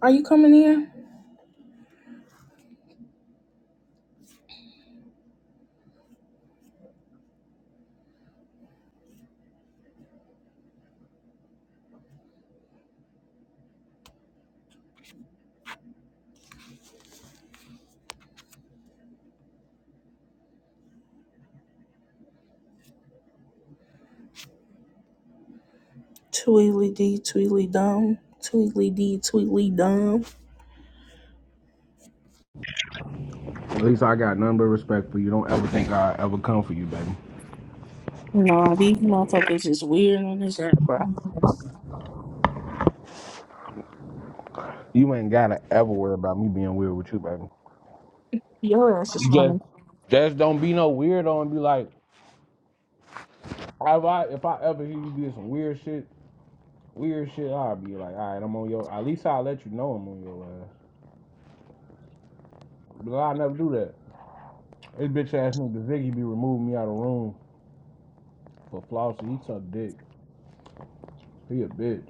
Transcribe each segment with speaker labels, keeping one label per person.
Speaker 1: Are you coming in? Tweedly D, Tweedly Dum, Tweedly D, Tweedly Dum.
Speaker 2: At least I got none but respect for you. Don't ever think I ever come for you, baby.
Speaker 1: Nah, these motherfuckers is weird on this app, bro.
Speaker 2: You ain't gotta ever worry about me being weird with you, baby.
Speaker 1: Your ass is
Speaker 2: You just,
Speaker 1: funny.
Speaker 2: just don't be no weirdo and be like, if I if I ever hear you do some weird shit, weird shit, I'll be like, all right, I'm on your. At least I'll let you know I'm on your ass. But I never do that. This bitch ass nigga Ziggy be removing me out of the room for Flossie. He suck dick. He a bitch.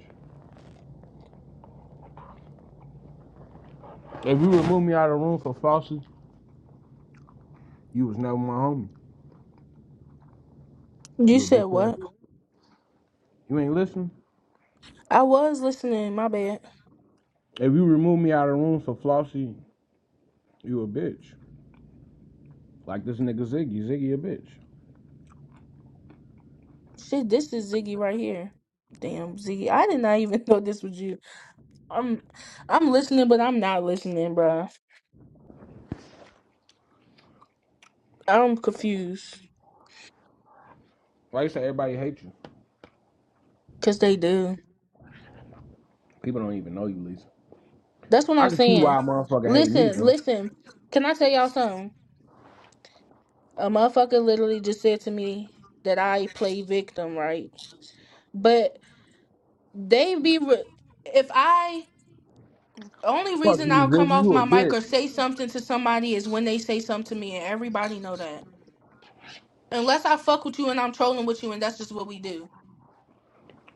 Speaker 2: If you remove me out of the room for Flossie, you was never my homie.
Speaker 1: You
Speaker 2: You a
Speaker 1: said
Speaker 2: bitch ass.
Speaker 1: what?
Speaker 2: You ain't listen.
Speaker 1: I was listening. My bad.
Speaker 2: If you remove me out of the room for Flossie, you a bitch. Like this nigga Ziggy. Ziggy a bitch.
Speaker 1: Shit, this is Ziggy right here. Damn, Ziggy. I did not even know this was you. I'm, I'm listening, but I'm not listening, bruh. I'm confused
Speaker 2: Like you said, everybody hate you.
Speaker 1: because they do.
Speaker 2: People don't even know you, Lisa.
Speaker 1: That's what
Speaker 2: I
Speaker 1: I'm
Speaker 2: can see
Speaker 1: saying.
Speaker 2: why a motherfucker hate me,
Speaker 1: Listen,
Speaker 2: bro.
Speaker 1: listen. Can I tell y'all something? A motherfucker literally just said to me that I play victim, right? But they be re- if I only
Speaker 2: Fuck
Speaker 1: reason
Speaker 2: you,
Speaker 1: I'll
Speaker 2: Ziggy.
Speaker 1: come off
Speaker 2: You a
Speaker 1: my mic or
Speaker 2: bitch.
Speaker 1: say something to somebody is when they say something to me, and everybody know that. Unless I fuck with you and I'm trolling with you, and that's just what we do.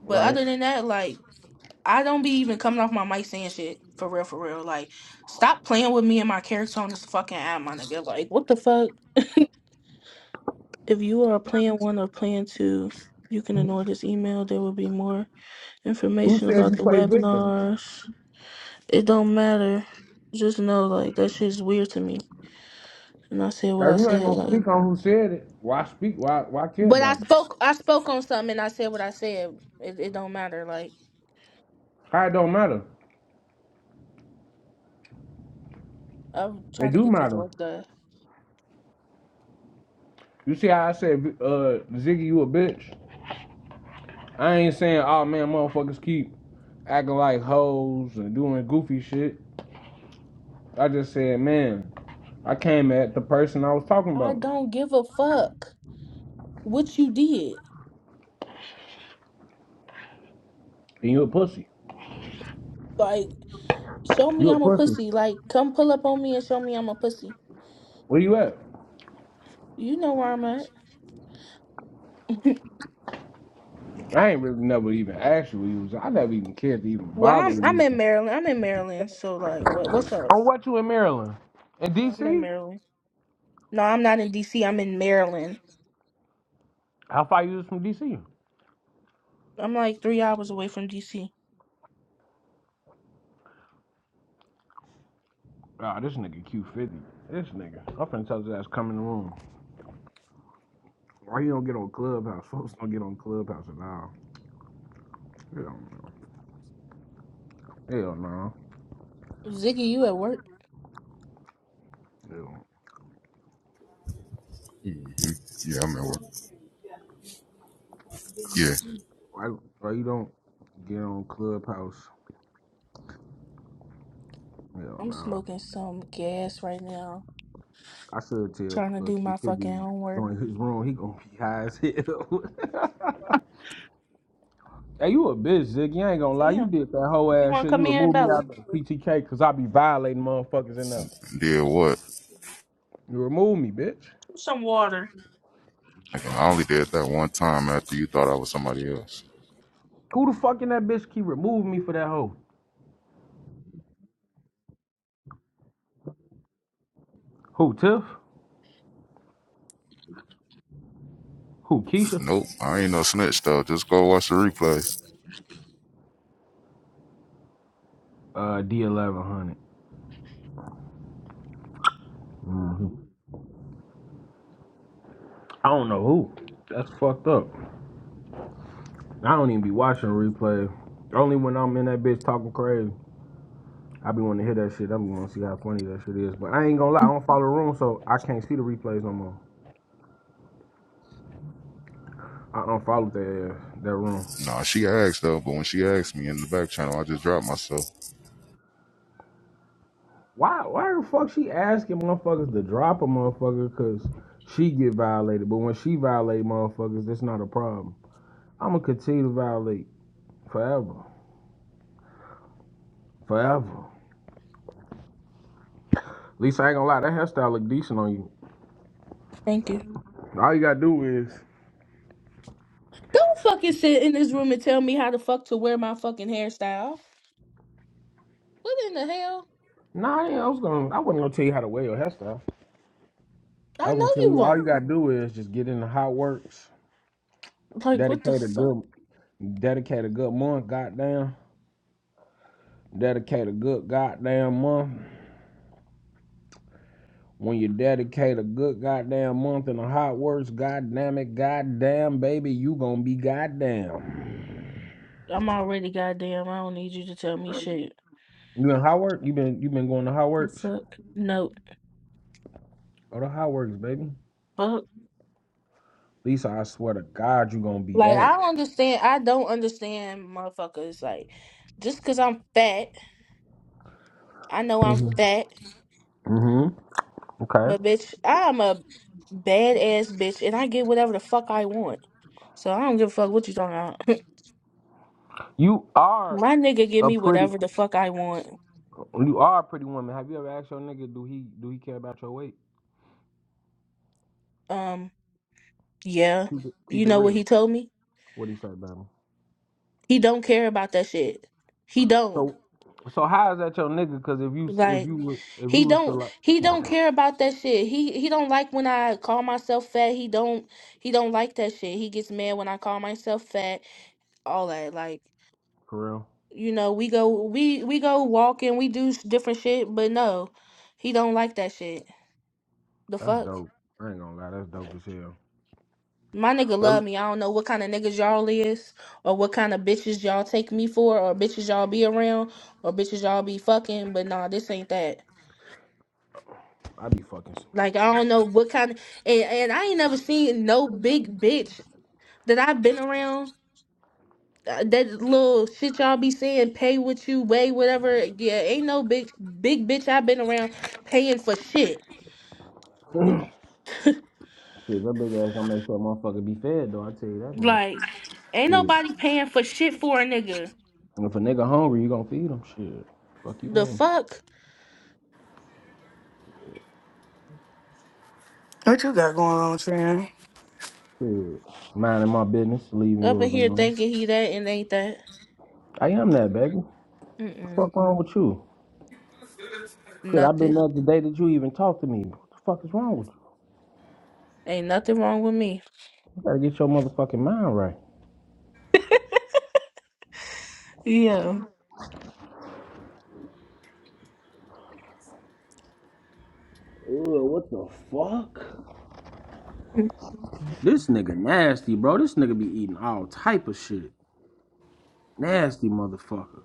Speaker 1: But
Speaker 2: Right?
Speaker 1: other than that, like I don't be even coming off my mic saying shit for real, for real. Like, stop playing with me and my character on this fucking app, my nigga. Like, what the fuck? If you are a Plan 1 or Plan 2, you can ignore this email. There will be more
Speaker 2: Who
Speaker 1: information
Speaker 2: said
Speaker 1: about
Speaker 2: you
Speaker 1: the
Speaker 2: play victim?
Speaker 1: webinars. It don't matter. Just know, like, that shit's weird to me. And I said what
Speaker 2: If
Speaker 1: I
Speaker 2: you ain't
Speaker 1: said,
Speaker 2: gonna
Speaker 1: like.
Speaker 2: speak on who said it, why speak? Why why care
Speaker 1: But I
Speaker 2: about it?
Speaker 1: spoke I spoke on something and I said what I said. It, it don't matter. Like,
Speaker 2: How it don't matter?
Speaker 1: I'm trying
Speaker 2: It
Speaker 1: to
Speaker 2: do
Speaker 1: get this
Speaker 2: matter.
Speaker 1: work done.
Speaker 2: You see how I said, uh, Ziggy, you a bitch? I ain't saying, oh man, motherfuckers keep acting like hoes and doing goofy shit. I just said, man, I came at the person I was talking
Speaker 1: I
Speaker 2: about.
Speaker 1: don't give a fuck what you did.
Speaker 2: And you a pussy.
Speaker 1: Like, show me
Speaker 2: You a
Speaker 1: I'm a
Speaker 2: pussy.
Speaker 1: pussy. Like, come pull up on me and show me I'm a pussy.
Speaker 2: Where you at?
Speaker 1: You know where I'm at.
Speaker 2: I ain't really never even asked you where you was. I never even cared to even
Speaker 1: Well,
Speaker 2: bother
Speaker 1: I'm
Speaker 2: with
Speaker 1: I'm in
Speaker 2: you.
Speaker 1: Maryland. I'm in Maryland. So like, what what's up?
Speaker 2: On what you in Maryland? In
Speaker 1: I'm in
Speaker 2: DC?
Speaker 1: Maryland. No, I'm not in DC. I'm in Maryland.
Speaker 2: How far you was from DC?
Speaker 1: I'm like three hours away from DC.
Speaker 2: Ah, oh, this nigga Q50. This nigga. I'm finna tell his ass come in the room. Why you don't get on Clubhouse? Folks don't get on Clubhouse at all. Hell no. Hell no.
Speaker 1: Ziggy, you at work?
Speaker 2: Hell.
Speaker 3: hmm Yeah, I remember. Yeah,
Speaker 2: Why, why you don't get on Clubhouse? Hell
Speaker 1: I'm
Speaker 2: no.
Speaker 1: smoking some gas right now,
Speaker 2: I should tell.
Speaker 1: trying to
Speaker 2: Look,
Speaker 1: do
Speaker 2: you
Speaker 1: my
Speaker 2: should
Speaker 1: fucking
Speaker 2: be
Speaker 1: homework.
Speaker 2: going his room. He gonna be high as hell. hey, you a bitch, Ziggy. I ain't gonna lie. You
Speaker 1: Damn,
Speaker 2: did that whole
Speaker 1: you
Speaker 2: ass
Speaker 1: want
Speaker 2: shit.
Speaker 1: to
Speaker 2: You
Speaker 1: come in,
Speaker 2: removed me
Speaker 1: Bella?
Speaker 2: out of the PTK because I be violating motherfuckers in there.
Speaker 3: and did what?
Speaker 2: You removed me, bitch.
Speaker 1: Some water.
Speaker 3: Like, I only did that one time after you thought I was somebody else.
Speaker 2: Who the fuck in that bitch keep removing me for that hoe? Who, Tiff? Who, Keisha?
Speaker 3: Nope, I ain't no snitch though. Just go watch the replay.
Speaker 2: Uh, D1100. I don't know who. That's fucked up. I don't even be watching replay. Only when I'm in that bitch talking crazy. I be wanting to hear that shit. I be wanting to see how funny that shit is. But I ain't gonna lie, I don't follow the room, so I can't see the replays no more. I unfollowed that that room.
Speaker 3: Nah, she asked though, but when she asked me in the back channel, I just dropped myself.
Speaker 2: Why why the fuck she asking motherfuckers to drop a motherfucker cause she get violated, but when she violate motherfuckers, that's not a problem. I'ma continue to violate forever. Forever. At least I ain't gonna lie, that hairstyle look decent on you.
Speaker 1: Thank you.
Speaker 2: All you gotta do is
Speaker 1: Don't fucking sit in this room and tell me how the fuck to wear my fucking hairstyle. What in the hell?
Speaker 2: Nah, I, I was gonna I wasn't gonna tell you how to wear your hairstyle.
Speaker 1: I
Speaker 2: I was gonna
Speaker 1: know
Speaker 2: tell
Speaker 1: you
Speaker 2: you all you
Speaker 1: won't.
Speaker 2: gotta do is just get in the hot works,
Speaker 1: Like, what the
Speaker 2: dedicate a
Speaker 1: fuck?
Speaker 2: good Dedicate a good month, goddamn. Dedicate a good goddamn month. When you dedicate a good goddamn month in the hot works, goddamn it, goddamn baby, you gonna be goddamn.
Speaker 1: I'm already goddamn. I don't need you to tell me shit.
Speaker 2: You in hot work? You been you been going to hot
Speaker 1: What's
Speaker 2: works?
Speaker 1: up? No.
Speaker 2: Oh, the hot works, baby.
Speaker 1: Fuck.
Speaker 2: Lisa, I swear to God, you gonna be
Speaker 1: Like
Speaker 2: that.
Speaker 1: I don't understand. I don't understand motherfuckers. Like just cause I'm fat, I know I'm
Speaker 2: Mm-hmm.
Speaker 1: fat,
Speaker 2: Mm-hmm. Okay.
Speaker 1: but bitch, I'm a badass bitch, and I get whatever the fuck I want. So I don't give a fuck what you talking about.
Speaker 2: You are
Speaker 1: My nigga give
Speaker 2: a
Speaker 1: me
Speaker 2: pretty.
Speaker 1: whatever the fuck I want.
Speaker 2: You are a pretty woman. Have you ever asked your nigga, do he do he care about your weight?
Speaker 1: Um, yeah,
Speaker 2: Keep it keep
Speaker 1: you
Speaker 2: it
Speaker 1: know what
Speaker 2: real.
Speaker 1: he told me?
Speaker 2: What he say, baby?
Speaker 1: He don't care about that shit. He don't.
Speaker 2: So, so how is that your nigga? Because if you if
Speaker 1: Like,
Speaker 2: you was- if you
Speaker 1: He
Speaker 2: was to
Speaker 1: don't
Speaker 2: like
Speaker 1: he don't care about that shit. He he don't like when I call myself fat. He don't he don't like that shit. He gets mad when I call myself fat. All that like
Speaker 2: for real,
Speaker 1: you know we go we we go walking. We do s- different shit, but no, he don't like that shit. The
Speaker 2: that's
Speaker 1: fuck.
Speaker 2: dope. I ain't gonna lie, that's dope as hell.
Speaker 1: My nigga
Speaker 2: But
Speaker 1: love me. I don't know what kind of niggas y'all is, or what kind of bitches y'all take me for, or bitches y'all be around, or bitches y'all be fucking. But nah, this ain't that.
Speaker 2: I be fucking
Speaker 1: Like
Speaker 2: some.
Speaker 1: I don't know what kind of and, and I ain't never seen no big bitch that I've been around, uh, that little shit y'all be saying, pay what you weigh, whatever. Yeah, ain't no big big bitch I've been around paying for shit.
Speaker 2: some Shit, that big ass gonna make sure a motherfucker be fed though. I tell you that much.
Speaker 1: Like, ain't
Speaker 2: Shit.
Speaker 1: nobody paying for shit for a nigga.
Speaker 2: And If a nigga hungry, you gonna feed him. Shit, fuck you.
Speaker 1: The
Speaker 2: on.
Speaker 1: fuck
Speaker 4: What you got going on, Tran?
Speaker 2: Shit, minding my business, leaving
Speaker 1: up in
Speaker 2: yours
Speaker 1: here
Speaker 2: alone.
Speaker 1: thinking he that and ain't that.
Speaker 2: I am that baby. The
Speaker 1: Mm-mm.
Speaker 2: fuck wrong with you? Shit, I been
Speaker 1: Nothing.
Speaker 2: there the day that you even talked to me. What the fuck is wrong with you?
Speaker 1: Ain't nothing wrong with me.
Speaker 2: You gotta get your motherfucking mind right.
Speaker 1: Yeah.
Speaker 2: Ugh, what the fuck? This nigga nasty, bro. This nigga be eating all type of shit. Nasty motherfucker.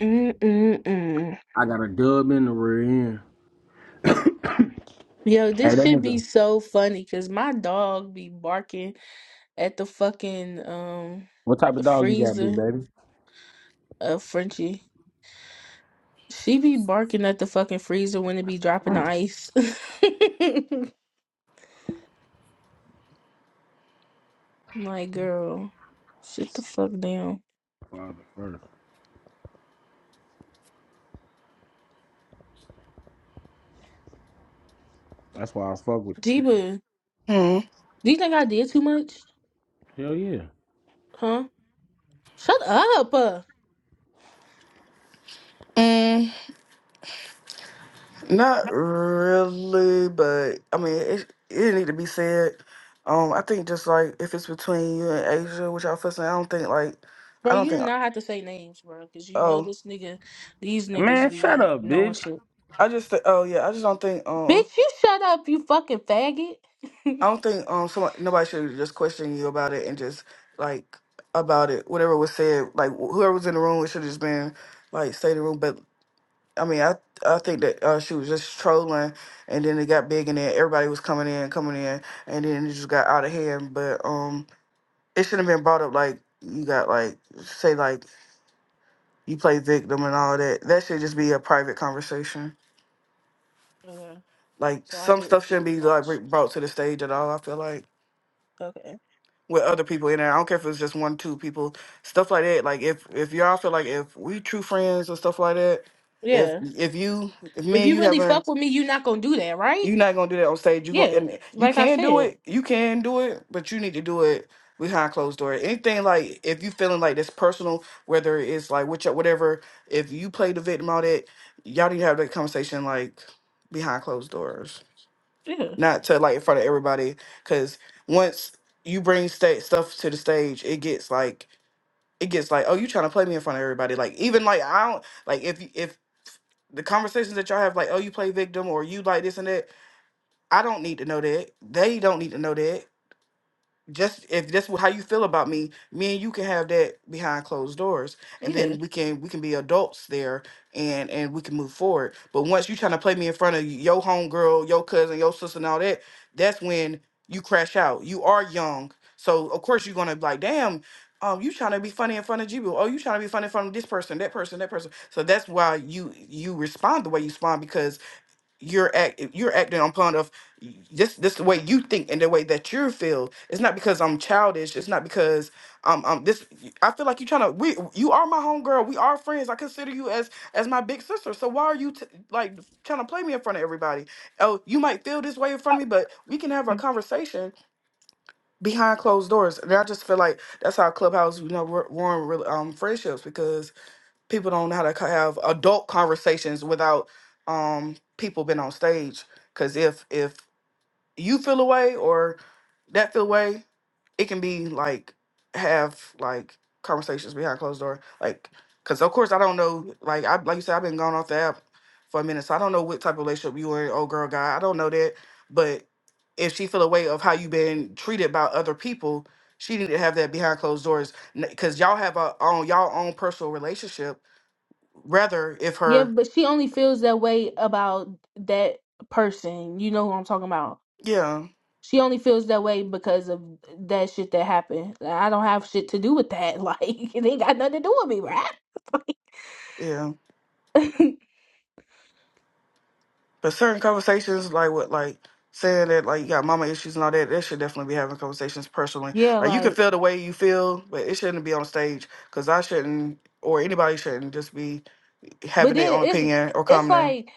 Speaker 1: Mm-mm-mm.
Speaker 2: I got a dub in the rear end.
Speaker 1: Yo,
Speaker 2: Hey,
Speaker 1: this
Speaker 2: that
Speaker 1: should be
Speaker 2: nigga.
Speaker 1: so funny because my dog be barking at the fucking um
Speaker 2: What type of dog you got,
Speaker 1: freezer
Speaker 2: big baby?
Speaker 1: of Frenchie. She be barking at the fucking freezer when it be dropping the ice. like, girl, shut the fuck down.
Speaker 2: Father first. That's why I fuck with you.
Speaker 1: Jeeba,
Speaker 4: Hmm.
Speaker 1: do you think I did too much?
Speaker 2: Hell yeah.
Speaker 1: Huh? Shut up, uh.
Speaker 4: Mm, not really, but I mean, it it need to be said. Um, I think just like if it's between you and Asia, which y'all fussing, I don't think like,
Speaker 1: bro.
Speaker 4: I don't
Speaker 1: You do
Speaker 4: think.
Speaker 1: not have to say names, bro, because you know
Speaker 4: Oh,
Speaker 1: this nigga, these niggas
Speaker 2: Man, shut
Speaker 1: be
Speaker 2: up,
Speaker 1: knowing
Speaker 2: bitch.
Speaker 1: shit.
Speaker 4: I just thi- oh yeah, I just don't think. Um,
Speaker 1: Bitch, you shut up, you fucking faggot.
Speaker 4: I don't think um somebody, nobody should just question you about it and just like about it. Whatever was said, like wh- whoever was in the room, it should have just been like stay in the room. but. I mean, I I think that uh, she was just trolling, and then it got big, and then everybody was coming in, coming in, and then it just got out of hand. But um, it shouldn't have been brought up like you got like say like you play victim and all that. That should just be a private conversation.
Speaker 1: okay,
Speaker 4: Like
Speaker 1: so I
Speaker 4: some
Speaker 1: didn't
Speaker 4: stuff
Speaker 1: do
Speaker 4: shouldn't
Speaker 1: too
Speaker 4: be like br-
Speaker 1: much.
Speaker 4: brought to the stage at all. I feel like
Speaker 1: Okay.
Speaker 4: with other people in there, I don't care if it's just one, two people, stuff like that. Like if if y'all feel like if we true friends or stuff like that, if
Speaker 1: Yeah.
Speaker 4: if you if me
Speaker 1: If
Speaker 4: and
Speaker 1: you
Speaker 4: you
Speaker 1: really
Speaker 4: haven't
Speaker 1: fuck with me, you not gonna do that, right?
Speaker 4: You're not gonna do that on stage. You gonna I
Speaker 1: Yeah.
Speaker 4: mean, you
Speaker 1: Like I
Speaker 4: can do
Speaker 1: said.
Speaker 4: it. You can do it, but you need to do it behind closed door. Anything like if you feeling like that's personal, whether it's like which whatever, if you play the victim all that, y'all need to have that conversation like behind closed doors,
Speaker 1: Yeah.
Speaker 4: not to like in front of everybody. Because once you bring state stuff to the stage, it gets like it gets like oh you trying to play me in front of everybody. Like even like I don't like if if the conversations that y'all have like oh you play victim or you like this and that I don't need to know that. They don't need to know that. Just if that's wh- how you feel about me, me and you can have that behind closed doors, and
Speaker 1: Yeah.
Speaker 4: then we can we can be adults there, and and we can move forward. But once you trying to play me in front of your homegirl, your cousin, your sister, and all that, that's when you crash out. You are young, so of course you're gonna be like, damn. Um, you trying to be funny in front of Jibu. Oh, you trying to be funny in front of this person, that person, that person. So that's why you you respond the way you respond you're act you're acting on upon of this this the way you think and the way that you feel. It's not because I'm childish. It's not because um um this I feel like you trying to we you are my homegirl. We are friends. I consider you as as my big sister. So why are you t- like trying to play me in front of everybody? Oh, you might feel this way in front of me, but we can have a conversation behind closed doors. And I just feel like that's how clubhouse you know ru- ruin real um friendships because people don't know how to co- have adult conversations without um people been on stage because if if you feel away or that feel away it can be like have like conversations behind closed door like because of course i don't know like i like you said i've been gone off the app for a minute so i don't know what type of relationship you were in old girl guy i don't know that but if she feel away of how you been treated by other people she need to have that behind closed doors because y'all have a own y'all own personal relationship rather if
Speaker 1: Yeah,
Speaker 4: her
Speaker 1: but she only feels that way about that person. You know who I'm talking about.
Speaker 4: yeah
Speaker 1: She only feels that way because of that shit that happened. Like, I don't have shit to do with that. Like it ain't got nothing to do with me, right?
Speaker 4: yeah
Speaker 1: Like,
Speaker 4: but certain conversations like what like saying that like you got mama issues and all that that should definitely be having conversations personally
Speaker 1: Yeah,
Speaker 4: like you can
Speaker 1: like,
Speaker 4: feel the way you feel but it shouldn't be on stage because i shouldn't or anybody shouldn't just be
Speaker 1: but
Speaker 4: having their
Speaker 1: then
Speaker 4: own
Speaker 1: it's
Speaker 4: opinion or
Speaker 1: it's
Speaker 4: commenting
Speaker 1: like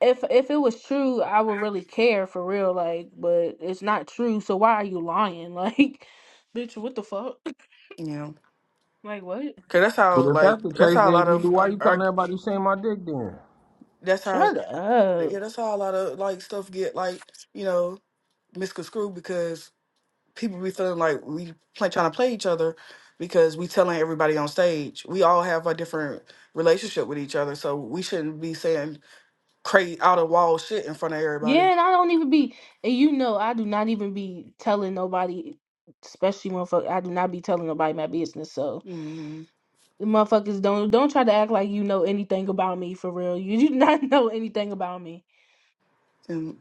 Speaker 1: if if it was true, I would really care for real, like, but it's not true, so why are you lying? Like, bitch, what the fuck?
Speaker 4: you know
Speaker 1: Like, what?
Speaker 4: because that's how
Speaker 2: Well, if
Speaker 4: like
Speaker 2: that's the
Speaker 4: that's
Speaker 2: case,
Speaker 4: how a
Speaker 2: then if
Speaker 4: lot
Speaker 2: you do,
Speaker 4: of uh,
Speaker 2: why you calling
Speaker 4: arg-
Speaker 2: everybody saying my dick then?
Speaker 4: that's how
Speaker 1: Shut up.
Speaker 4: yeah that's how a lot of like stuff get like you know misconstrued people be feeling like we play trying to play each other because we telling everybody on stage we all have a different relationship with each other so we shouldn't be saying crazy out of wall shit in front of
Speaker 1: Yeah,
Speaker 4: everybody
Speaker 1: and I don't even be, and you know, I do not even be telling nobody, especially motherfucker. I do not be telling nobody my business. So
Speaker 4: hmm
Speaker 1: the motherfuckers don't don't try to act like you know anything about me for real. You do not know anything about me.
Speaker 4: and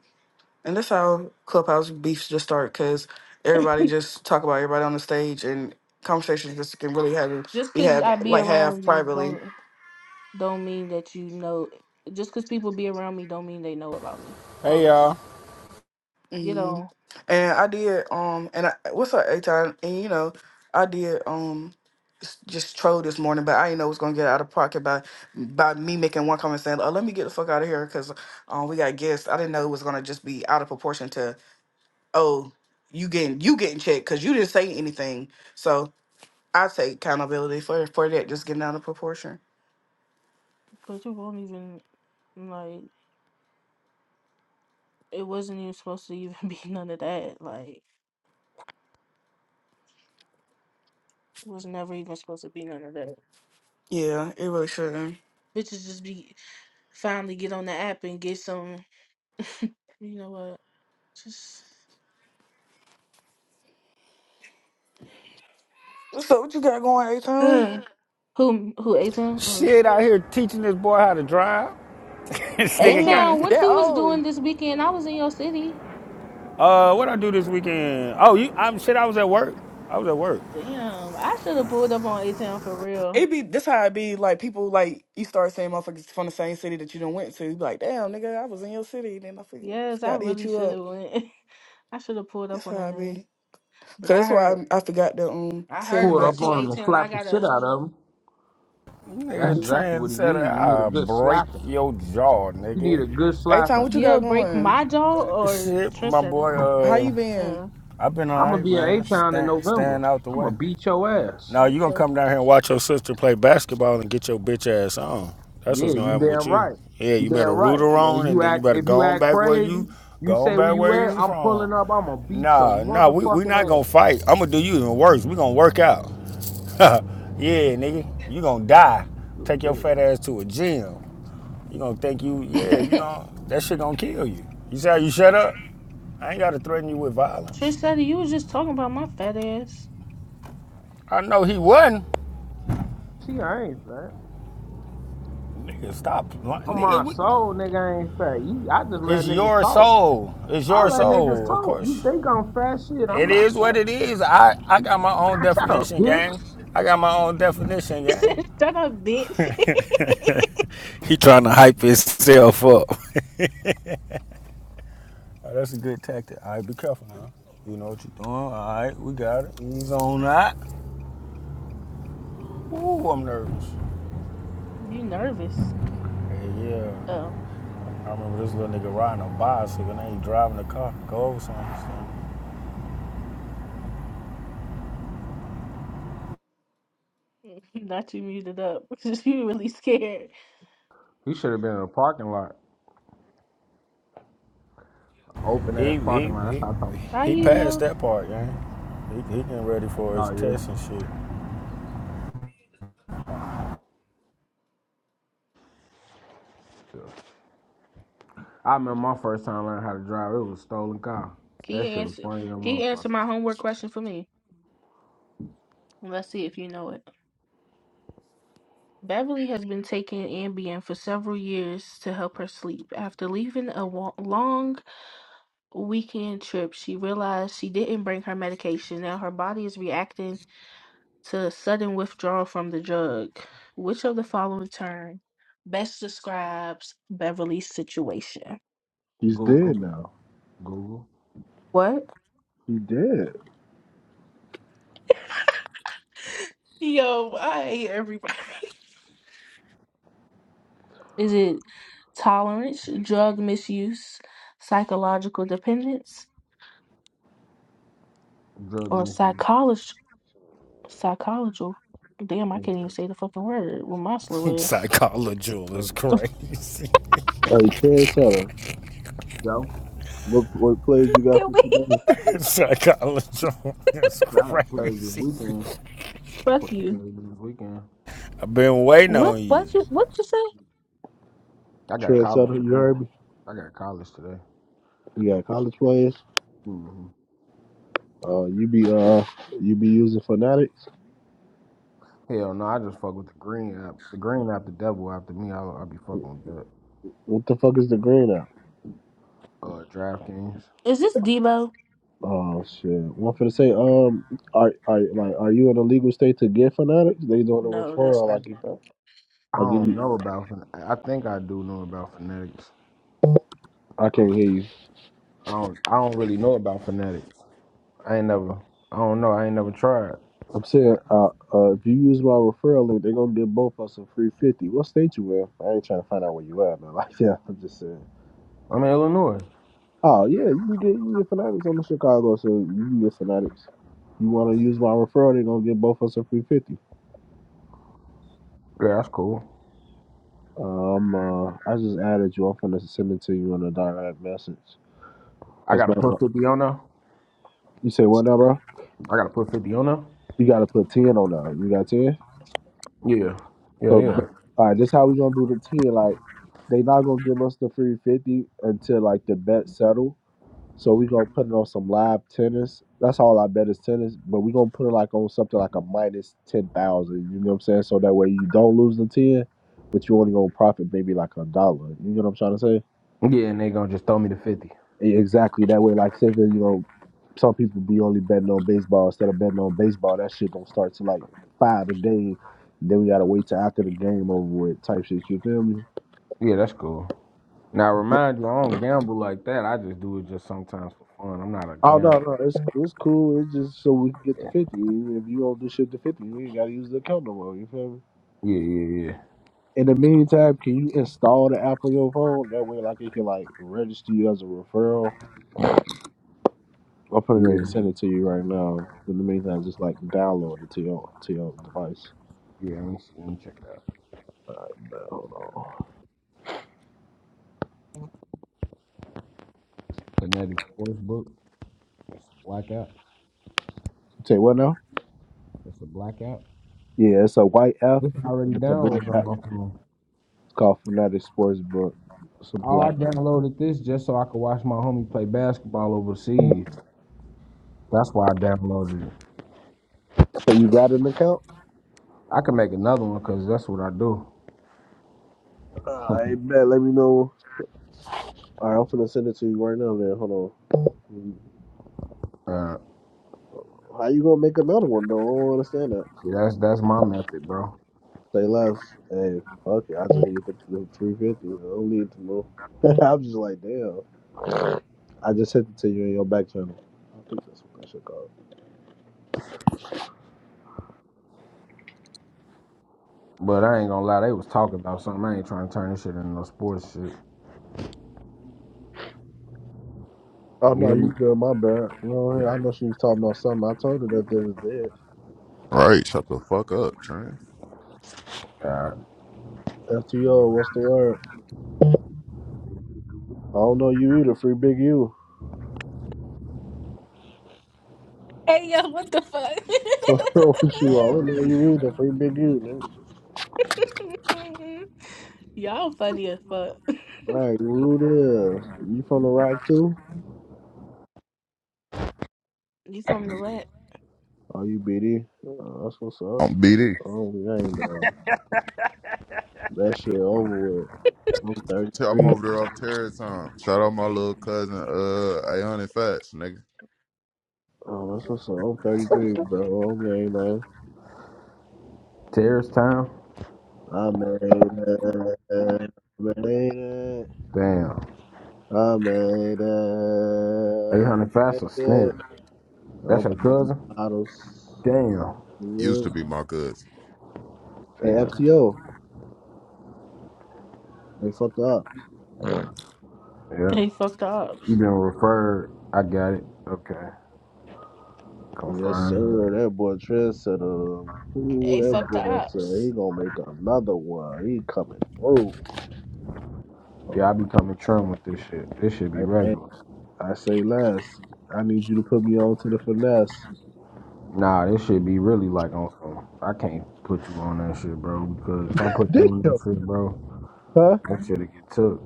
Speaker 4: and that's how clubhouse beefs just start because everybody just talk about everybody on the stage and conversations just can really have
Speaker 1: Just
Speaker 4: be
Speaker 1: cause
Speaker 4: had
Speaker 1: I be
Speaker 4: like have
Speaker 1: around you,
Speaker 4: privately
Speaker 1: don't don't mean that you know. Just cause people be around me, don't mean they know about me.
Speaker 5: Hey
Speaker 1: Promise.
Speaker 5: y'all.
Speaker 1: You
Speaker 4: hmm
Speaker 1: know,
Speaker 4: and i did um and I, what's up a time? and you know i did um just trolled this morning, but I didn't know it was gonna get out of pocket by by me making one comment saying, "Oh, let me get the fuck out of here," because um, we got guests. I didn't know it was gonna just be out of proportion to oh, you getting you getting checked because you didn't say anything. So I take accountability for for that just getting out of proportion.
Speaker 1: but you won't even like. It wasn't even supposed to even be none of that. Like, it was never even supposed to be none of that.
Speaker 4: Yeah, it really shouldn't.
Speaker 1: Bitches just be finally get on the app and get some. You know what? Just
Speaker 4: So what you got going, A-Town?
Speaker 1: Ugh. who who A Town?
Speaker 5: Shit
Speaker 1: Oh.
Speaker 5: out here teaching this boy how to drive. this
Speaker 1: A
Speaker 5: nigga
Speaker 4: Damn,
Speaker 1: Town,
Speaker 4: you
Speaker 5: got
Speaker 1: what
Speaker 4: that
Speaker 1: you was doing
Speaker 4: old.
Speaker 1: this weekend? I was in your city.
Speaker 5: uh what I do this weekend? Oh you I'm shit, I was at work. I was at work.
Speaker 1: Damn, I should have pulled up on A Town for real.
Speaker 4: It be this how it be like people like you start saying motherfuckers from the same city that you done went to. You be like, damn nigga, I was in your city, then I forgot,
Speaker 1: Yes, I
Speaker 4: forgot to hit
Speaker 1: really
Speaker 4: you
Speaker 1: should
Speaker 4: up.
Speaker 1: have went. I should have pulled
Speaker 4: That's
Speaker 1: up on
Speaker 4: how
Speaker 1: that
Speaker 4: I
Speaker 1: nigga.
Speaker 4: be. Cause
Speaker 1: But I
Speaker 4: that's why
Speaker 1: heard,
Speaker 4: I, I forgot to um
Speaker 1: I
Speaker 4: tell
Speaker 1: heard
Speaker 2: Pull
Speaker 4: you
Speaker 2: it
Speaker 4: that.
Speaker 1: about
Speaker 2: up
Speaker 1: you,
Speaker 2: on
Speaker 1: A
Speaker 2: him and
Speaker 1: Town. I
Speaker 2: slap the shit
Speaker 1: gotta,
Speaker 2: out of him. That's
Speaker 5: Nigga
Speaker 2: exactly what he
Speaker 5: trendsetter,
Speaker 2: needs. You need a
Speaker 5: I
Speaker 2: good
Speaker 5: break
Speaker 2: slapping.
Speaker 5: your jaw,
Speaker 2: You need a
Speaker 5: nigga.
Speaker 2: good
Speaker 4: Hey, time,
Speaker 2: slapping.
Speaker 4: what you
Speaker 1: you'll
Speaker 4: got
Speaker 1: break
Speaker 4: going?
Speaker 1: my jaw or
Speaker 5: Shit, my
Speaker 1: Trendsetter.
Speaker 5: boy,
Speaker 4: How you
Speaker 5: uh
Speaker 4: been?
Speaker 1: Uh,
Speaker 5: I've been
Speaker 2: I'm gonna
Speaker 5: alright,
Speaker 2: be in A
Speaker 5: man.
Speaker 2: Town in
Speaker 5: Stand
Speaker 2: November.
Speaker 5: stand out the
Speaker 2: I'm gonna
Speaker 5: way.
Speaker 2: beat your ass.
Speaker 5: Now you gonna come
Speaker 4: Okay.
Speaker 5: down here and watch your sister play basketball and get your bitch ass on. That's
Speaker 2: Yeah,
Speaker 5: what's gonna
Speaker 2: you
Speaker 5: happen with
Speaker 2: damn
Speaker 5: you.
Speaker 2: right.
Speaker 5: Yeah,
Speaker 2: You
Speaker 5: you
Speaker 2: damn
Speaker 5: better root
Speaker 2: right.
Speaker 5: her
Speaker 2: Man, if
Speaker 5: on and
Speaker 2: you
Speaker 5: then you
Speaker 2: act
Speaker 5: better
Speaker 2: if you
Speaker 5: go on
Speaker 2: act
Speaker 5: back where
Speaker 2: crazy,
Speaker 5: you
Speaker 2: you
Speaker 5: go on
Speaker 2: say where
Speaker 5: back
Speaker 2: you
Speaker 5: where
Speaker 2: at,
Speaker 5: you
Speaker 2: I'm
Speaker 5: from.
Speaker 2: pulling up, I'ma beat your
Speaker 5: Nah, nah, we we not
Speaker 2: motherfucking
Speaker 5: gonna
Speaker 2: ass.
Speaker 5: fight. I'm gonna do you even worse. We gonna work out. yeah, nigga, you gonna die.
Speaker 2: Little
Speaker 5: Take your
Speaker 2: bitch.
Speaker 5: fat ass to a gym. You gonna think you, yeah, you gonna that shit gonna kill you. You see how you shut up? I ain't gotta threaten you with violence.
Speaker 1: Trendsetter, you was just talking about my fat ass.
Speaker 5: I know he wasn't.
Speaker 2: See, I ain't fat.
Speaker 5: Nigga, stop,
Speaker 2: On
Speaker 5: nigga.
Speaker 2: my
Speaker 5: We,
Speaker 2: soul, nigga, I ain't fat. You, I just let
Speaker 5: it's
Speaker 2: niggas
Speaker 5: your
Speaker 2: talk.
Speaker 5: soul. It's
Speaker 2: I
Speaker 5: your
Speaker 2: let niggas
Speaker 5: soul, of
Speaker 2: talk. You
Speaker 5: course.
Speaker 2: think I'm fat shit, I'm
Speaker 5: It
Speaker 2: not
Speaker 5: is what it
Speaker 2: fat.
Speaker 5: is. I I got my own
Speaker 2: Man, shut up,
Speaker 5: definition, gang.
Speaker 2: bitch.
Speaker 5: I got my own definition,
Speaker 1: He said,
Speaker 5: gang.
Speaker 1: "Shut up, bitch."
Speaker 5: He trying to hype himself up. All right, that's a good tactic. All right, be careful now. You know what you're doing. All right, we got it. Ease on that. Ooh, I'm nervous.
Speaker 1: You nervous?
Speaker 5: Hey, yeah.
Speaker 1: Oh, oh.
Speaker 5: I remember this little nigga riding a bicycle and then he driving the car, go over something. So
Speaker 1: not you muted up because you really scared.
Speaker 2: He should have been in a parking lot. Open ass
Speaker 5: he he
Speaker 2: parking lot. That's
Speaker 5: he
Speaker 2: how I talk.
Speaker 1: How
Speaker 5: he
Speaker 1: you
Speaker 5: passed
Speaker 1: know?
Speaker 5: that part, yeah. He, he getting ready for his
Speaker 2: Oh yeah.
Speaker 5: test and
Speaker 2: Oh yeah. Sure. I remember my first time learning how to drive, it was a stolen car.
Speaker 1: Can
Speaker 2: That
Speaker 1: you
Speaker 2: shit was
Speaker 1: answer?
Speaker 2: funny than
Speaker 1: Can you
Speaker 2: motherfucker.
Speaker 1: answer my homework question for me? Let's see if you know it. Beverly has been taking Ambien for several years to help her sleep. After leaving a wa- long weekend trip, she realized she didn't bring her medication. Now her body is reacting to sudden withdrawal from the drug. Which of the following term best describes Beverly's situation?
Speaker 6: She's
Speaker 2: Google,
Speaker 6: dead now.
Speaker 2: Google,
Speaker 1: What?
Speaker 6: She dead.
Speaker 1: Yo, I hate everybody. Is it tolerance, drug misuse, psychological dependence,
Speaker 2: drug
Speaker 1: or
Speaker 2: misuse.
Speaker 1: psychology? Psychological. Damn, I
Speaker 2: and
Speaker 1: can't even say the fucking word with my
Speaker 5: shit.
Speaker 1: slow ass.
Speaker 5: Psychology is
Speaker 2: Drug.
Speaker 5: crazy.
Speaker 6: Hey, Trendsetter,
Speaker 2: Yo,
Speaker 6: what what plays you got
Speaker 1: Can
Speaker 6: for
Speaker 1: we?
Speaker 6: today?
Speaker 5: Psychology is
Speaker 2: I got plays this
Speaker 5: crazy.
Speaker 2: weekend.
Speaker 1: Fuck
Speaker 2: Fucking
Speaker 1: you.
Speaker 2: plays This weekend,
Speaker 5: I've been waiting
Speaker 1: What?
Speaker 5: on you.
Speaker 1: What you? What you say?
Speaker 2: I got college
Speaker 6: Trendsetter, you
Speaker 2: today.
Speaker 6: heard me?
Speaker 2: I got college today.
Speaker 6: You got college players?
Speaker 2: hmm
Speaker 6: Uh, you be uh, you be using fanatics?
Speaker 2: Hell no, I just fuck with the green app. The green app, the devil after me. I'll, I'll be fucking with that.
Speaker 6: What the fuck is the green out?
Speaker 2: Uh, DraftKings.
Speaker 1: Is this Debo?
Speaker 6: Oh shit! One for the say, um, are are like are you in a legal state to get fanatics? They doing a
Speaker 1: No, that's
Speaker 6: referral. I
Speaker 1: not
Speaker 6: give
Speaker 1: Debo.
Speaker 2: I
Speaker 6: I give
Speaker 2: don't
Speaker 6: you,
Speaker 2: know about. Fin- I think I do know about Fanatics.
Speaker 6: I
Speaker 2: Um,
Speaker 6: can't hear you.
Speaker 2: I don't. I don't really know about Fanatics. I ain't never. I don't know. I ain't never tried.
Speaker 6: I'm saying, uh, uh, if you use my referral link, they gonna give both of us a free fifty. What state you in? I ain't trying to find out where you at, man. Like yeah, I'm just saying.
Speaker 2: I'm in Illinois.
Speaker 6: Oh yeah, you can get you can get Fanatics on the Chicago, so you can get Fanatics. You want to use my referral? They gonna get both of us a free fifty.
Speaker 2: Yeah, that's cool.
Speaker 6: Um, uh, I just added you. I'm gonna send it to you in a direct message.
Speaker 2: I got
Speaker 6: Cause
Speaker 2: to
Speaker 6: man, uh,
Speaker 2: put fifty on there.
Speaker 6: you say what now, bro?
Speaker 2: I gotta put fifty on them.
Speaker 6: You gotta put ten on that. You got ten.
Speaker 2: Yeah, yeah,
Speaker 6: So,
Speaker 2: yeah,
Speaker 6: but, all right, this how we gonna do the ten. Like, they not gonna give us the free fifty until like the bet settle. So we gonna put it on some live tennis. That's all I bet is tennis, but we gonna put it like on something like a minus ten thousand. You know what I'm saying? So that way you don't lose the ten, but you only gonna profit maybe like a dollar. You know what I'm trying to say?
Speaker 2: yeah. And they gonna just throw me the fifty.
Speaker 6: E- Exactly. That way, like say 'cause, you know, some people be only betting on baseball instead of betting on baseball. That shit don't start till like five today. Then we gotta wait till after the game over with type shit. You feel me?
Speaker 2: Yeah, that's cool. Now remind you, I don't gamble like that. I just do it just sometimes for fun. I'm not a
Speaker 6: Oh no,
Speaker 2: gambler.
Speaker 6: no, it's it's cool. It's just so we can get to fifty. If you don't do shit to fifty, you ain't gotta use the account no more. You feel me?
Speaker 2: Yeah, yeah, yeah,
Speaker 6: In the meantime, can you install the app on your phone? That way, like it can like register you as a referral. I'll put it in and
Speaker 2: yeah,
Speaker 6: send it to you right now. In the meantime, just like download it to your to your device.
Speaker 2: yeah. Let me see. Let me check it out.
Speaker 6: Uh, Hold on.
Speaker 2: Kinetic Sports Book. That's a blackout.
Speaker 6: Tell you what now?
Speaker 2: That's a blackout.
Speaker 6: Yeah, it's a white F
Speaker 2: This already
Speaker 6: and it's a black
Speaker 2: downloaded on
Speaker 6: app.
Speaker 2: my phone.
Speaker 6: It's called Fanatic Sportsbook. It's a
Speaker 2: Oh, I
Speaker 6: black.
Speaker 2: downloaded this just so I could watch my homie play basketball overseas. That's why I downloaded it.
Speaker 6: So you got an account?
Speaker 2: I can make another one because that's what I do.
Speaker 6: Uh, I bet. Let me know. All right, I'm finna send it to you right now, man. Hold on.
Speaker 2: Uh,
Speaker 6: How you gonna make another one though? I don't understand that.
Speaker 2: see, that's that's my method, bro.
Speaker 6: Say less. Hey, fuck it. I just need the, the 350. I don't need to know. I'm just like, damn. I just sent it to you in your back channel. I think that's what that shit called.
Speaker 2: But I ain't gonna lie, they was talking about something. I ain't trying to turn this shit into no sports shit.
Speaker 6: Oh
Speaker 2: You
Speaker 6: no,
Speaker 2: hear
Speaker 6: you
Speaker 2: me?
Speaker 6: good? My bad. Well, yeah, I know she was talking about something. I told her that they was dead.
Speaker 3: Right, shut the fuck up, Trent.
Speaker 2: Uh,
Speaker 6: FTO, what's the word? I don't know you either. Free big U.
Speaker 1: Hey yo, what the fuck?
Speaker 6: What wrong with you? I don't know you either. Free big U, Nigga.
Speaker 1: Y'all funny as fuck.
Speaker 6: Right, Ruda. You from the rock too?
Speaker 1: you from the lat?
Speaker 6: Oh, you BD? Uh, that's what's up.
Speaker 3: I'm BD.
Speaker 6: Oh, gang bang. That shit over with. I'm
Speaker 3: Tell I'm
Speaker 6: 33.
Speaker 3: over there off terror time. Shout out my little cousin, uh, Ayon and Fats, nigga.
Speaker 6: Oh, that's what's up. I'm 33, bro. I'm gay, man.
Speaker 2: Terrorist Town?
Speaker 6: I made it. I made it. I made
Speaker 2: Damn.
Speaker 6: it.
Speaker 2: 800
Speaker 6: I
Speaker 2: fast or
Speaker 6: made
Speaker 2: snip?
Speaker 6: it.
Speaker 2: That's
Speaker 6: I'm
Speaker 2: your
Speaker 6: popping
Speaker 2: cousin?
Speaker 6: bottles.
Speaker 2: Damn.
Speaker 6: Yeah.
Speaker 3: Used to be my cousin.
Speaker 6: Hey,
Speaker 2: Damn.
Speaker 6: FTO. They fucked up.
Speaker 2: Yep.
Speaker 1: Hey, fuck the ops.
Speaker 2: You been referred. I got it. Okay.
Speaker 6: Yes,
Speaker 2: Confirmed.
Speaker 6: sir. That boy Trent said, um, who
Speaker 1: Hey,
Speaker 6: that
Speaker 1: fuck the
Speaker 6: boy said he
Speaker 1: ops.
Speaker 6: gonna make another one. He coming through. Oh,
Speaker 2: Yeah, I be
Speaker 6: bro.
Speaker 2: coming trim with this shit. This should be
Speaker 6: Hey, hey,
Speaker 2: regular.
Speaker 6: I say less. I need you to put me on to the finesse.
Speaker 2: Nah, this should be really like on some. I can't put you on that shit, bro, because if I put you on that
Speaker 6: Damn.
Speaker 2: shit, bro,
Speaker 6: Huh?
Speaker 2: that shit'll get took.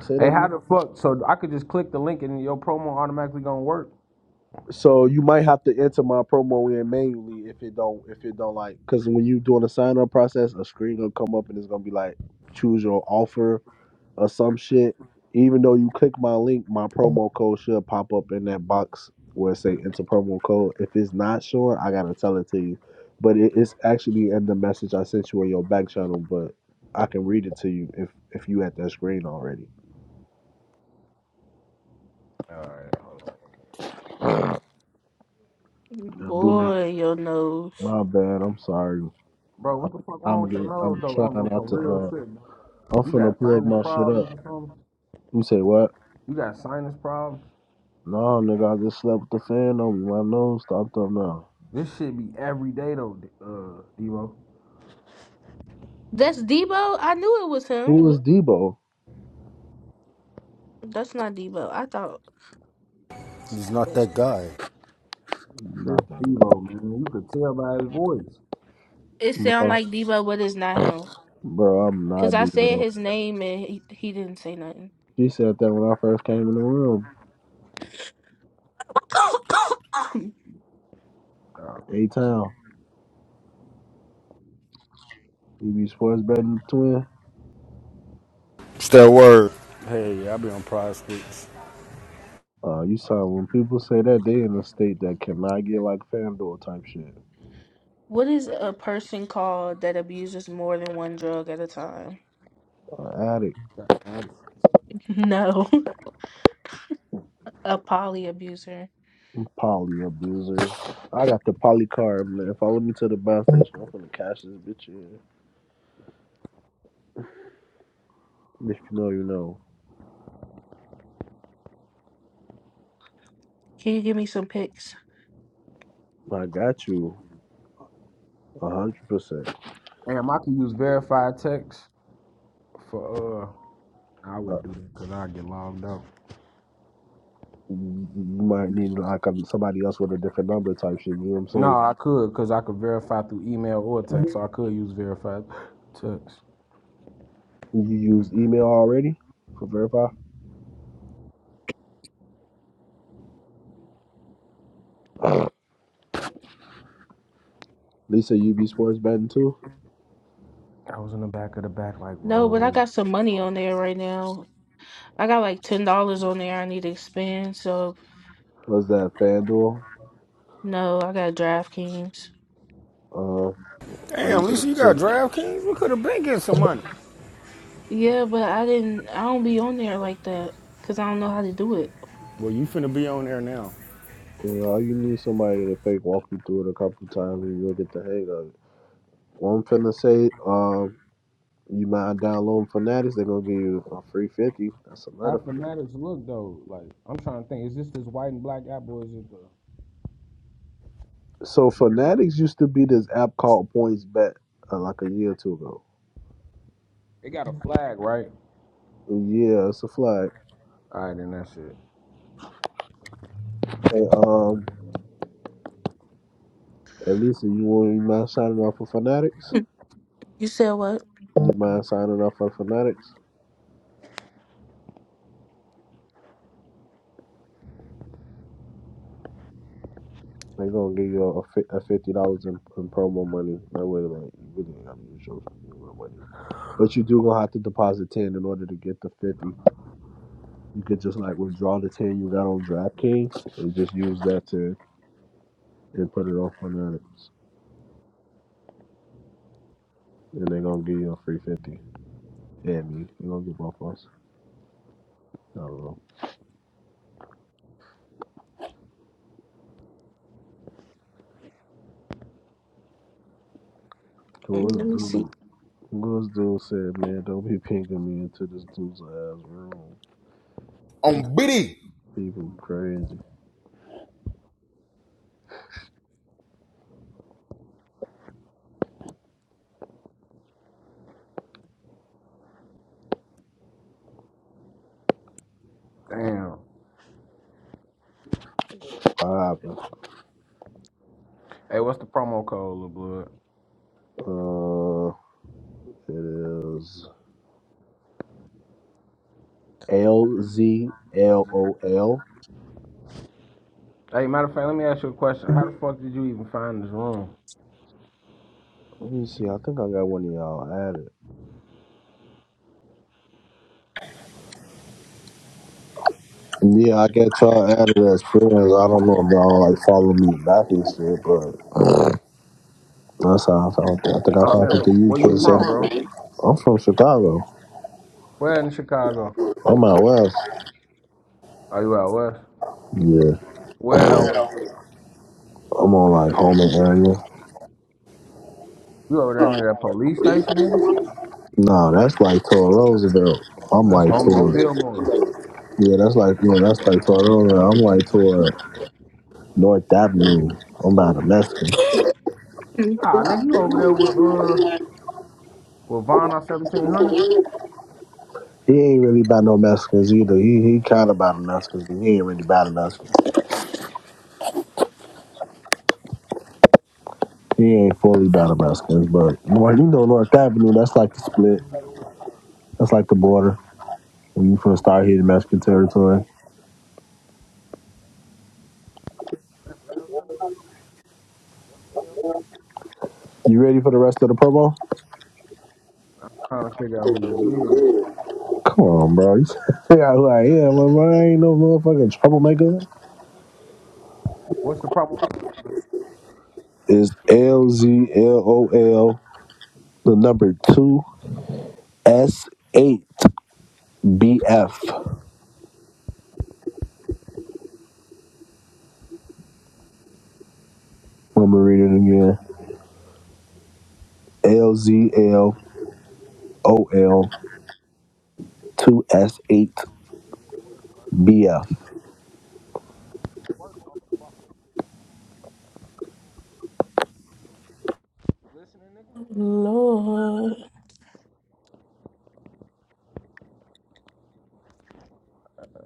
Speaker 6: Say that
Speaker 2: Hey, how
Speaker 6: again.
Speaker 2: the fuck? So I could just click the link and your promo automatically gonna work,
Speaker 6: So you might have to enter my promo in manually if it don't if it don't like because when you doing the sign up process, a screen gonna come up and it's gonna be like choose your offer or some shit. Even though you click my link, my promo code should pop up in that box where it say enter promo code. If it's not showing, I gotta tell it to you. But it is actually in the message I sent you on your back channel, but I can read it to you if if you at that screen already.
Speaker 2: All right, hold on.
Speaker 6: Do
Speaker 1: Boy, your nose.
Speaker 6: my bad. I'm sorry.
Speaker 2: bro. What the fuck wrong
Speaker 6: I'm
Speaker 2: with your
Speaker 6: get,
Speaker 2: nose
Speaker 6: I'm
Speaker 2: though? On
Speaker 6: trying
Speaker 2: on
Speaker 6: not
Speaker 2: some
Speaker 6: to.
Speaker 2: real
Speaker 6: Uh,
Speaker 2: shit, bro.
Speaker 6: I'm
Speaker 2: You
Speaker 6: finna
Speaker 2: got
Speaker 6: plug
Speaker 2: sinus
Speaker 6: my shit up.
Speaker 2: problems or something?
Speaker 6: You say what?
Speaker 2: You got sinus problems?
Speaker 6: No, nigga, I just slept with the fan on me. My nose stopped up now.
Speaker 2: This shit be every day though, D- uh, Devo.
Speaker 1: That's Debo. I knew it was him.
Speaker 6: Who is Debo?
Speaker 1: That's not Debo. I thought
Speaker 5: He's not that guy.
Speaker 2: This
Speaker 6: Not that guy.
Speaker 2: Devo, man. You could tell by his voice.
Speaker 1: it sounded
Speaker 6: bro.
Speaker 1: like Debo, but it's not him.
Speaker 6: Bro, I'm
Speaker 1: Cause
Speaker 6: not
Speaker 1: I said
Speaker 6: Debo.
Speaker 1: his name and he, he didn't say nothing.
Speaker 6: She said that when I first came in the room.
Speaker 2: dog.
Speaker 6: A town, you be sports betting twin.
Speaker 5: It's that word. Hey, I be on Pride Street.
Speaker 6: Uh, you saw when people say that they in a state that cannot get like FanDuel type shit.
Speaker 1: what is a person called that abuses more than one drug at a time?
Speaker 6: Uh, addict,
Speaker 2: Got attitude.
Speaker 1: No, a poly abuser.
Speaker 6: poly abuser. I got the poly card, man. Follow me to the bus station. I'm finna cash this bitch in. If you know, you know.
Speaker 1: Can you give me some pics?
Speaker 6: I got you a hundred percent.
Speaker 2: Damn, I could use verified text for uh. I
Speaker 6: Uh,
Speaker 2: would do that because I get logged out.
Speaker 6: You might need like um, somebody else with a different number type shit. You know what I'm
Speaker 2: No,
Speaker 6: saying?
Speaker 2: I could because I could verify through email or text, so I could use verified text.
Speaker 6: you use email already for verify. Lisa, you be sports betting too.
Speaker 2: I was in the back of the back, like,
Speaker 1: No, but I
Speaker 2: bro.
Speaker 1: got some money on there right now. I got like ten dollars on there. I need to spend. So
Speaker 6: Was that FanDuel?
Speaker 1: No, I got DraftKings.
Speaker 6: Uh, are you?
Speaker 5: Damn, Lisa, you got
Speaker 6: Yeah,
Speaker 5: DraftKings? We could have been getting some money.
Speaker 1: Yeah, but I didn't. I don't be on there like that because I don't know how to do it.
Speaker 5: Well, you finna be on there now.
Speaker 6: all you need somebody to fake walk you through it a couple times and you'll get the hang of it. Well, I'm finna say, um, you mind downloading Fanatics, they're gonna give you a free 50. That's another
Speaker 2: Half the
Speaker 6: free
Speaker 2: matters look though. Like I'm trying to think, is this this white and black app or is it the?
Speaker 6: So Fanatics used to be this app called Points Bet uh, like a year or two ago.
Speaker 2: It got a flag, right?
Speaker 6: Yeah, it's a flag.
Speaker 2: All right, then that's it.
Speaker 6: Hey, um, at least you want you mind signing up for Fanatics?
Speaker 1: You said what?
Speaker 6: You mind signing up for Fanatics? They gonna give you a, fi- a fifty dollars in, in promo money. That way, like you really ain't gotta use your real money. But you do gonna have to deposit ten in order to get the fifty. You could just like withdraw the ten you got on DraftKings and just use that to and put it on Fanatics, and they gonna give you a free fifty. at me. They gonna get both us. I don't know.
Speaker 1: Mm,
Speaker 6: Cause
Speaker 1: Let
Speaker 6: this
Speaker 1: me see.
Speaker 6: dude, cause this dude said, man, don't be pinking me into this dude's ass room.
Speaker 3: I'm BD.
Speaker 6: People crazy.
Speaker 2: Damn.
Speaker 6: Poppin'.
Speaker 2: Hey, what's the promo code, Lil Blood?
Speaker 6: Uh, it is L Z L O L.
Speaker 2: Hey, matter of fact, let me ask you a question. How the fuck did you even find this room?
Speaker 6: Let me see. I think I got one of y'all added. Yeah, I got y'all added as friends. I don't know if y'all like follow me back and shit, but that's how I found it. I think I
Speaker 2: I'm
Speaker 6: found
Speaker 2: saying,
Speaker 6: it to you,
Speaker 2: where you from, bro?
Speaker 6: Trisha. I'm from Chicago.
Speaker 2: Where in Chicago?
Speaker 6: I'm out west.
Speaker 2: Are you out west? Where though?
Speaker 6: Yeah. I'm on like Homer area.
Speaker 2: You over there near that police station, nigga?
Speaker 6: No, that's like toward Roosevelt. I'm
Speaker 2: That's
Speaker 6: like
Speaker 2: home in
Speaker 6: toward
Speaker 2: Fillmore.
Speaker 6: yeah, that's like no, that's like toward Roosevelt. I'm like toward North Avenue. I'm by the Mexicans.
Speaker 1: Mm.
Speaker 2: Nah, nigga, you over there with uh with Von 1700?
Speaker 6: He ain't really by no Mexicans either. He he kind of by the Mexicans, but he ain't really by the Mexicans. He ain't fully by the Mexicans, but well, you know North Avenue. That's like the split. That's like the border when you from start hitting Mexican territory. You ready for the rest of the promo?
Speaker 2: Trying to figure out who you is.
Speaker 6: Come on, bro. You figure out who I am. man. I ain't no motherfucking troublemaker.
Speaker 2: What's the problem?
Speaker 6: It's L Z L O L, the number two S eight B F. Let me read it again. L Z L O L two S eight B F.
Speaker 2: Let
Speaker 1: Lord,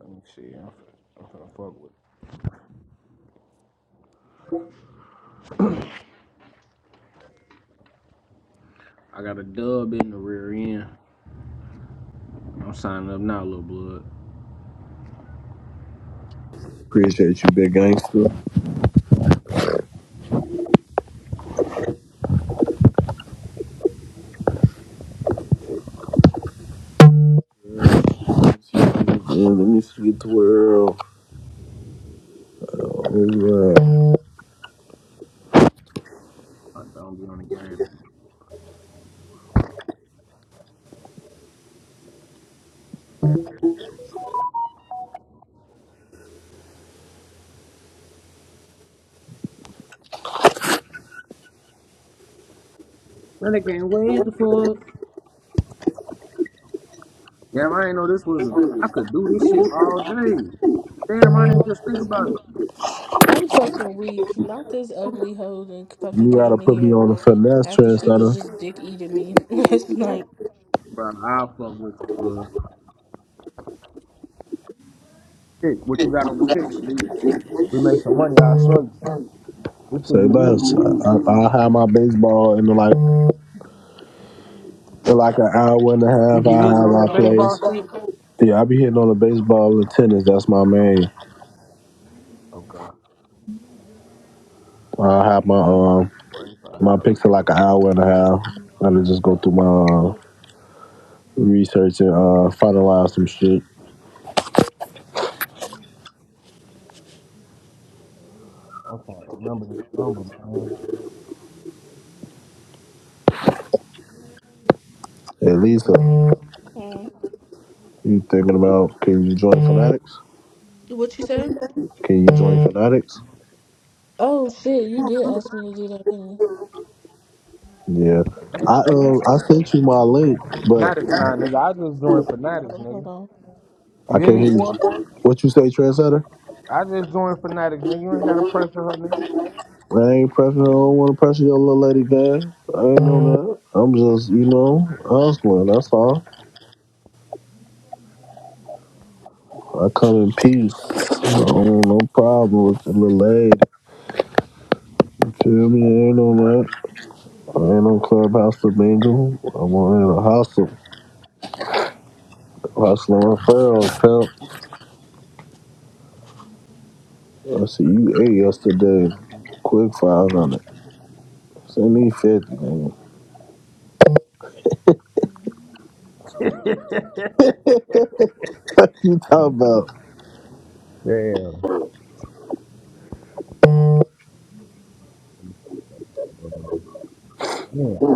Speaker 2: me see. I'm, I'm finna fuck with. it. I got a dub in the rear end. I'm signing up now, little blood.
Speaker 6: Appreciate you, big gangster. Let me see the world. Oh, wow.
Speaker 2: I don't be on the game. Man, I can't wait the fuck. Damn, I ain't know this was. A, I could do this shit all day. Damn, I didn't just think about it.
Speaker 1: I'm fucking weak. Not this ugly hoe that fucking
Speaker 6: You gotta
Speaker 1: came in
Speaker 6: put me
Speaker 1: here
Speaker 6: on a finesse
Speaker 1: after she was
Speaker 6: trend,
Speaker 1: just dick eating me last night.
Speaker 2: Bro, I'll fuck with you, blood. Shit, what you got on the
Speaker 1: These
Speaker 2: pitch? We,
Speaker 1: bitches be dick
Speaker 2: we make
Speaker 1: eaters.
Speaker 2: some money. I show you. This
Speaker 6: Say
Speaker 2: should be
Speaker 6: less.
Speaker 2: easy.
Speaker 6: I, I, I have my baseball in like in like an hour and a
Speaker 2: You
Speaker 6: half.
Speaker 2: be
Speaker 6: I
Speaker 2: hitting
Speaker 6: have
Speaker 2: on
Speaker 6: my
Speaker 2: that baseball
Speaker 6: plays.
Speaker 2: shit?
Speaker 6: Yeah, I be hitting on the baseball and tennis. That's my main.
Speaker 2: Okay.
Speaker 6: I have my um
Speaker 2: 45,
Speaker 6: my
Speaker 2: seventy-five.
Speaker 6: picks in like an hour and a half. I to
Speaker 2: Okay.
Speaker 6: just go through my uh, research and uh, finalize some shit.
Speaker 2: remember this number, man.
Speaker 6: Hey Lisa,
Speaker 1: Mm.
Speaker 6: you thinking about can you join Fanatics?
Speaker 1: What you say?
Speaker 6: Can you join Fanatics?
Speaker 1: Oh shit, you did ask me to do that, didn't you?
Speaker 6: Yeah, I
Speaker 1: I'm
Speaker 6: um I
Speaker 1: sorry.
Speaker 6: sent you my link, but
Speaker 2: Fanatics, nah, nigga. I just joined Fanatics,
Speaker 1: Oh,
Speaker 2: nigga.
Speaker 1: hold on.
Speaker 2: You
Speaker 6: I
Speaker 2: hear
Speaker 6: can't
Speaker 2: me,
Speaker 6: hear you.
Speaker 2: boy?
Speaker 6: What you say, Trendsetter?
Speaker 2: I just joined Fanatics, nigga. You ain't got to pressure her, nigga.
Speaker 6: I ain't pressing. I don't want to pressure your little lady, gang. I ain't on that. I'm just, you know, hustling. That's all. I come in peace. I don't no problem with the little lady. You feel me? I ain't on that. I ain't on clubhouse to mingle. I'm on in a hustle. Hustling referrals, pimp. I see you ate yesterday. Quick 500. Send me 50, man. You talking about?
Speaker 2: Damn. Damn.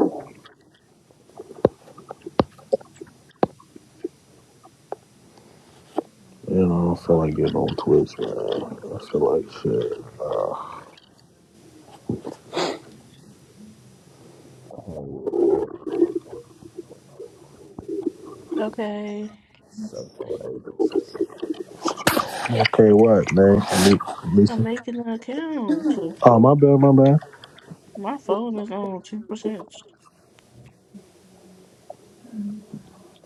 Speaker 6: You know, I don't feel like getting on Twitch, man. I feel like shit.
Speaker 2: Oh, uh,
Speaker 1: Okay,
Speaker 2: seven or eight or sixteen.
Speaker 6: Okay, what, man?
Speaker 1: I'm
Speaker 6: Lisa?
Speaker 1: making an account.
Speaker 6: Oh, my bad, my bad.
Speaker 1: My phone is on two percent.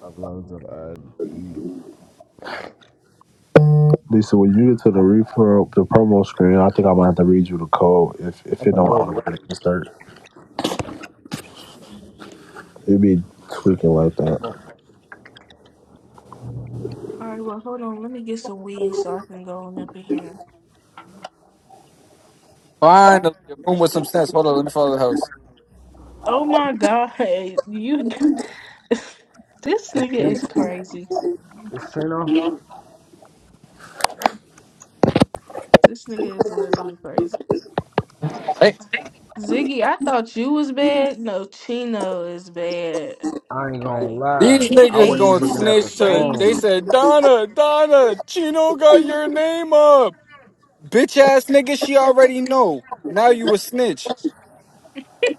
Speaker 2: I love the ID.
Speaker 6: Lisa, when you get to the repro the promo screen, I think I'm gonna have to read you the code if
Speaker 2: I
Speaker 6: if it
Speaker 2: can't
Speaker 6: don't
Speaker 2: wait to
Speaker 6: automatically start. It be tweaking like that.
Speaker 1: All right, well, hold on. Let me get some weed so I can go on up in here.
Speaker 7: Finally, a room with some sense. Hold on, let me follow the house.
Speaker 1: Oh my god, you! this nigga
Speaker 2: think.
Speaker 1: is crazy.
Speaker 2: It's Chino.
Speaker 6: You
Speaker 1: This nigga is literally crazy.
Speaker 7: Hey,
Speaker 1: Ziggy, I thought you was bad. No, Chino is bad.
Speaker 2: I ain't gonna
Speaker 1: Like
Speaker 2: lie.
Speaker 7: these
Speaker 1: the
Speaker 2: I
Speaker 7: niggas
Speaker 2: wasn't even
Speaker 1: page
Speaker 7: gonna
Speaker 2: looking
Speaker 1: is
Speaker 2: at the
Speaker 7: snitch to. They
Speaker 2: phone.
Speaker 1: crazy.
Speaker 7: said, Donna, Donna, Chino got your name up. Bitch ass nigga, she already know. Now you a snitch.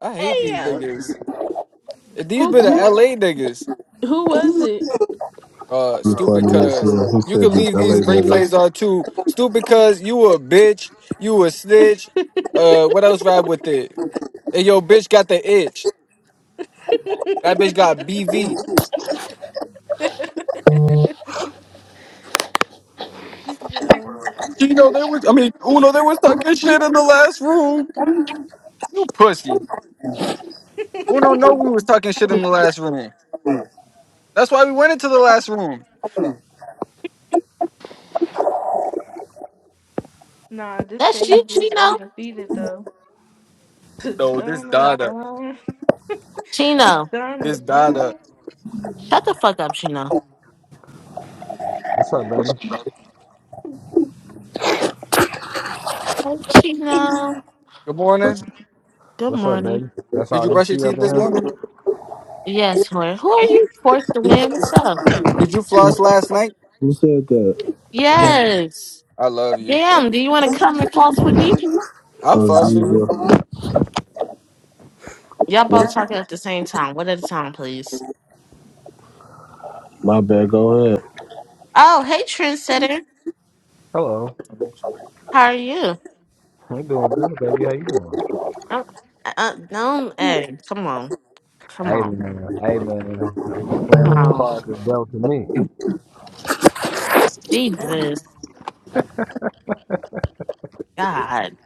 Speaker 7: I hate these
Speaker 1: Damn.
Speaker 7: niggas. If These
Speaker 1: Who
Speaker 7: be the LA niggas.
Speaker 1: who was it?
Speaker 7: Uh, stupid
Speaker 6: funny as
Speaker 7: cuz.
Speaker 6: hell. Who
Speaker 7: You
Speaker 6: said
Speaker 7: could
Speaker 6: this
Speaker 7: leave
Speaker 6: LA
Speaker 7: these replays
Speaker 6: nigga?
Speaker 7: on too. Stupid cuz you a bitch. You a snitch. Uh, what else ride with it? And yo, bitch got the itch. That bitch got BV.
Speaker 1: Yo.
Speaker 7: Gino, there was I mean, Uno, there was talking shit in the last room. You pussy. Uno know we was talking shit in the last room. That's why we went into the last room.
Speaker 1: Nah, this
Speaker 8: That's you,
Speaker 1: page is
Speaker 8: Chino.
Speaker 1: undefeated though.
Speaker 7: No, this
Speaker 1: Donna,
Speaker 7: Dada.
Speaker 1: Donna,
Speaker 8: Chino.
Speaker 1: Donna,
Speaker 7: This Dada.
Speaker 1: Donna.
Speaker 8: Shut the fuck up, Chino.
Speaker 2: What's up, baby?
Speaker 8: Hey, Chino.
Speaker 7: Good
Speaker 2: What's
Speaker 7: morning.
Speaker 8: Good
Speaker 2: What's up,
Speaker 8: morning.
Speaker 2: baby? That's
Speaker 7: Did you
Speaker 2: all you
Speaker 7: brush your
Speaker 2: see up
Speaker 7: teeth
Speaker 2: in
Speaker 7: this
Speaker 2: here?
Speaker 7: morning?
Speaker 8: Yes, who are, Who are you? Fourth to
Speaker 7: Did,
Speaker 8: win? What's up?
Speaker 7: did you floss last night?
Speaker 6: Who said that?
Speaker 8: Yes.
Speaker 7: I love you.
Speaker 8: Damn, do you want to come and false with me?
Speaker 7: I'll floss for you.
Speaker 6: Aziza.
Speaker 8: Y'all
Speaker 6: What?
Speaker 8: both talking at the same time. What at a time, please?
Speaker 6: My bad, go ahead.
Speaker 8: Oh, hey, trendsetter.
Speaker 2: Hello.
Speaker 8: How are you?
Speaker 2: You doing good, baby? How you doing?
Speaker 8: Don't, uh, don't, hey, come on. Come
Speaker 2: Hey
Speaker 8: on.
Speaker 2: man, hey man, I'm just
Speaker 8: Come
Speaker 2: playing with the
Speaker 8: on.
Speaker 2: cards that's dealt to me.
Speaker 8: Jesus. God.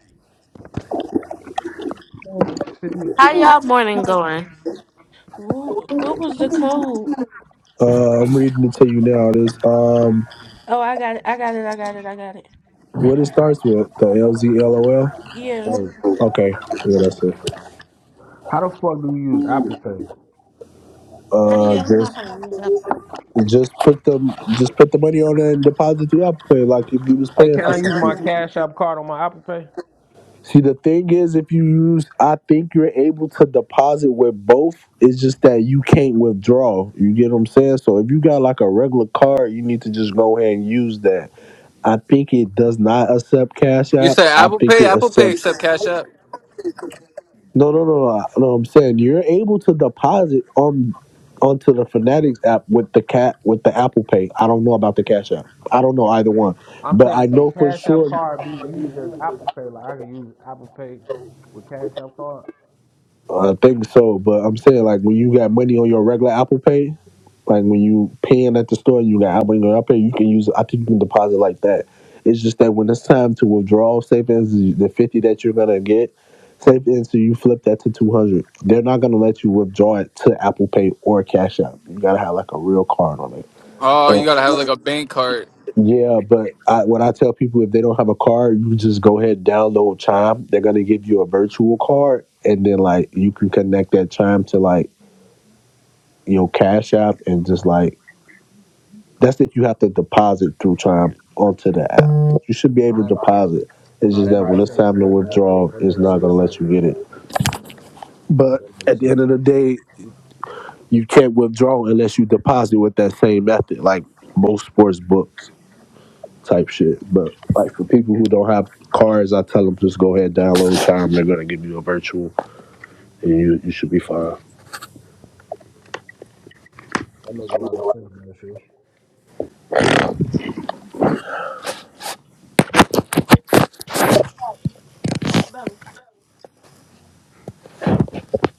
Speaker 8: How y'all morning going?
Speaker 1: Wh- What was the code?
Speaker 6: Uh, I'm reading it to you now. This um,
Speaker 1: Oh, I got it. I got it. I got it. I got it.
Speaker 6: what it starts with the LZLOL.
Speaker 1: Yeah.
Speaker 2: Hey,
Speaker 6: Okay, yeah, that's it.
Speaker 2: how the fuck do you use Apple Pay?
Speaker 8: How do
Speaker 6: Uh,
Speaker 8: y'all know
Speaker 6: just
Speaker 8: how to use
Speaker 6: Just put the just put the money on it and deposit through Apple Pay, like if you was
Speaker 2: Hey,
Speaker 6: paying
Speaker 2: can
Speaker 6: for
Speaker 2: I use my
Speaker 6: something.
Speaker 2: Cash App card on my Apple Pay?
Speaker 6: See, the thing is, if you use, I think you're able to deposit with both. It's just that you can't withdraw. You get what I'm saying? So if you got like a regular card, you need to just go ahead and use that. I think it does not accept Cash
Speaker 7: You
Speaker 6: App.
Speaker 7: said
Speaker 6: I
Speaker 7: Apple
Speaker 6: think
Speaker 7: Pay?
Speaker 6: it
Speaker 7: Apple Pay
Speaker 6: accepts.
Speaker 7: accept Cash App.
Speaker 6: No, no, no, no. No, I'm saying you're able to deposit on onto the Fanatics app with the cat with the Apple Pay. I don't know about the Cash App. I don't know either one,
Speaker 2: I'm
Speaker 6: but
Speaker 2: saying,
Speaker 6: I
Speaker 2: can
Speaker 6: know for
Speaker 2: Cash App
Speaker 6: sure.
Speaker 2: card be used as Apple Pay? Like I can use Apple Pay with Cash App card?
Speaker 6: I think so, but I'm saying like when you got money on your regular Apple Pay, Like when you paying at the store, you got I'll bring it up here. You can use. I think you can deposit like that. It's just that when it's time to withdraw savings, the fifty that you're gonna get savings, so you flip that to two hundred. They're not gonna let you withdraw it to Apple Pay or Cash App. You gotta have like a real card on it.
Speaker 7: Oh, you
Speaker 6: And-
Speaker 7: gotta have like a bank card.
Speaker 6: yeah, but I, what I tell people if they don't have a card, you just go ahead and download Chime. They're gonna give you a virtual card, and then like you can connect that Chime to like your Cash App and just like that's if you have to deposit through time onto the app. You should be able to
Speaker 2: Alright.
Speaker 6: deposit. It's
Speaker 2: Nah,
Speaker 6: just
Speaker 2: that
Speaker 6: that when
Speaker 2: makes
Speaker 6: it's
Speaker 2: sense,
Speaker 6: time to
Speaker 2: nephew.
Speaker 6: withdraw,
Speaker 2: That
Speaker 6: it's
Speaker 2: makes
Speaker 6: not gonna
Speaker 2: sense,
Speaker 6: let you
Speaker 2: nephew.
Speaker 6: get it. But
Speaker 2: That makes
Speaker 6: at the end
Speaker 2: sense.
Speaker 6: of the day, you can't withdraw unless you deposit with that same method, like most sports books type shit. But like for people who don't have cards, I tell them just go ahead download time. They're gonna give you a virtual, and you you should be fine.
Speaker 2: That make a lot of sense, nephew.
Speaker 1: Bro, bro,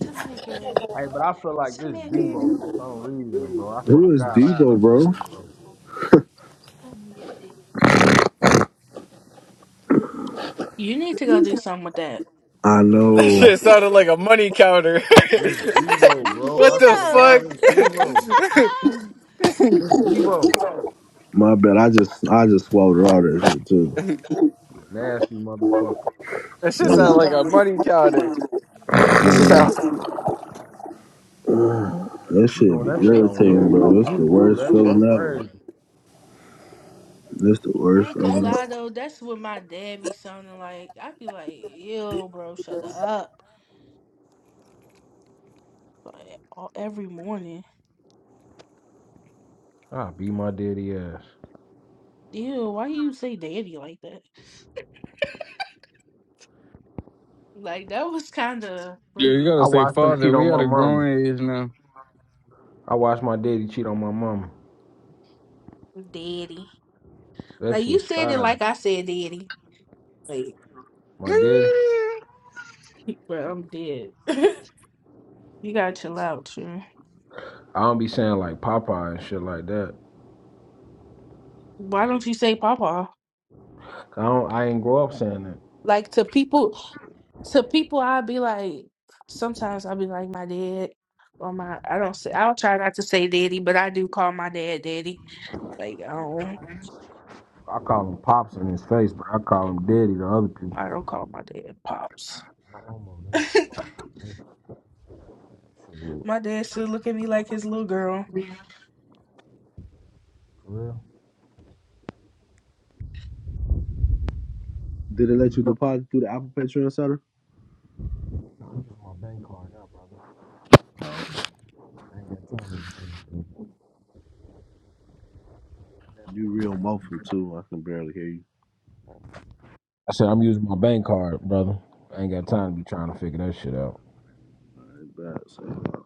Speaker 1: tell me a girl.
Speaker 2: Hey, but I feel like
Speaker 1: Tell
Speaker 2: this
Speaker 1: me a
Speaker 2: Debo for
Speaker 1: girl.
Speaker 2: some reason, bro. I swear to
Speaker 6: Who is
Speaker 2: God, I feel like
Speaker 6: Devo,
Speaker 2: this
Speaker 6: bro?
Speaker 2: Debo.
Speaker 1: Tell me a baby. You need to go do something with that.
Speaker 6: I
Speaker 2: This
Speaker 7: That
Speaker 6: know.
Speaker 7: shit sounded like a money counter.
Speaker 2: This is Devo, bro. I
Speaker 7: what the
Speaker 2: swear to
Speaker 1: Fino.
Speaker 2: God,
Speaker 7: fuck?
Speaker 2: this is Devo. This is Devo.
Speaker 6: My bad. I just I just swallowed all this shit too.
Speaker 2: Nasty motherfucker.
Speaker 7: that shit
Speaker 6: Hey,
Speaker 7: sounded like a money counter. What's yourself?
Speaker 6: That
Speaker 2: You
Speaker 6: shit
Speaker 2: doing
Speaker 6: be
Speaker 2: that shit on
Speaker 6: irritating,
Speaker 2: mute, off
Speaker 6: bro. That's the
Speaker 2: mute too.
Speaker 6: worst
Speaker 2: That shit
Speaker 6: feeling ever.
Speaker 2: crazy.
Speaker 6: That's the
Speaker 1: I
Speaker 6: worst
Speaker 1: ain't gonna
Speaker 6: feeling ever.
Speaker 1: lie though, that's what my dad be sounding like. I be like, ew, bro, shut up. like all, every morning.
Speaker 2: I beat my daddy ass.
Speaker 1: Ew, why you say daddy like that? Like that was kind of
Speaker 7: Yeah, you
Speaker 1: fruity.
Speaker 2: I
Speaker 7: gotta say,
Speaker 2: watched him
Speaker 7: Father,
Speaker 2: cheat on
Speaker 7: we at
Speaker 2: my
Speaker 7: a
Speaker 2: mama.
Speaker 7: grown age now.
Speaker 2: I watched my daddy cheat on my mama.
Speaker 1: Daddy.
Speaker 2: That
Speaker 1: Like
Speaker 2: shit
Speaker 1: you said it
Speaker 2: started.
Speaker 1: like I said daddy. Like,
Speaker 2: My daddy.
Speaker 1: bro, I'm dead. you gotta chill out, too.
Speaker 2: I don't be saying like Popeye and shit like that.
Speaker 1: Why don't you say papa?
Speaker 2: I don't. I ain't grow up saying that.
Speaker 1: Like to people, to people, I'd be like, sometimes I'll be like my dad or my. I don't say. I'll try not to say daddy, but I do call my dad daddy. Like I don't.
Speaker 2: I call him pops in his face, but I call him daddy to other people.
Speaker 1: I don't call my dad pops. My dad should look at me like his little girl.
Speaker 6: Did it let you deposit through the Apple Pay Center? You real muffled too. I can barely hear you.
Speaker 2: I said I'm using my bank card, brother. I ain't got time to be trying to figure that shit out.
Speaker 6: Alright, bad. So, uh,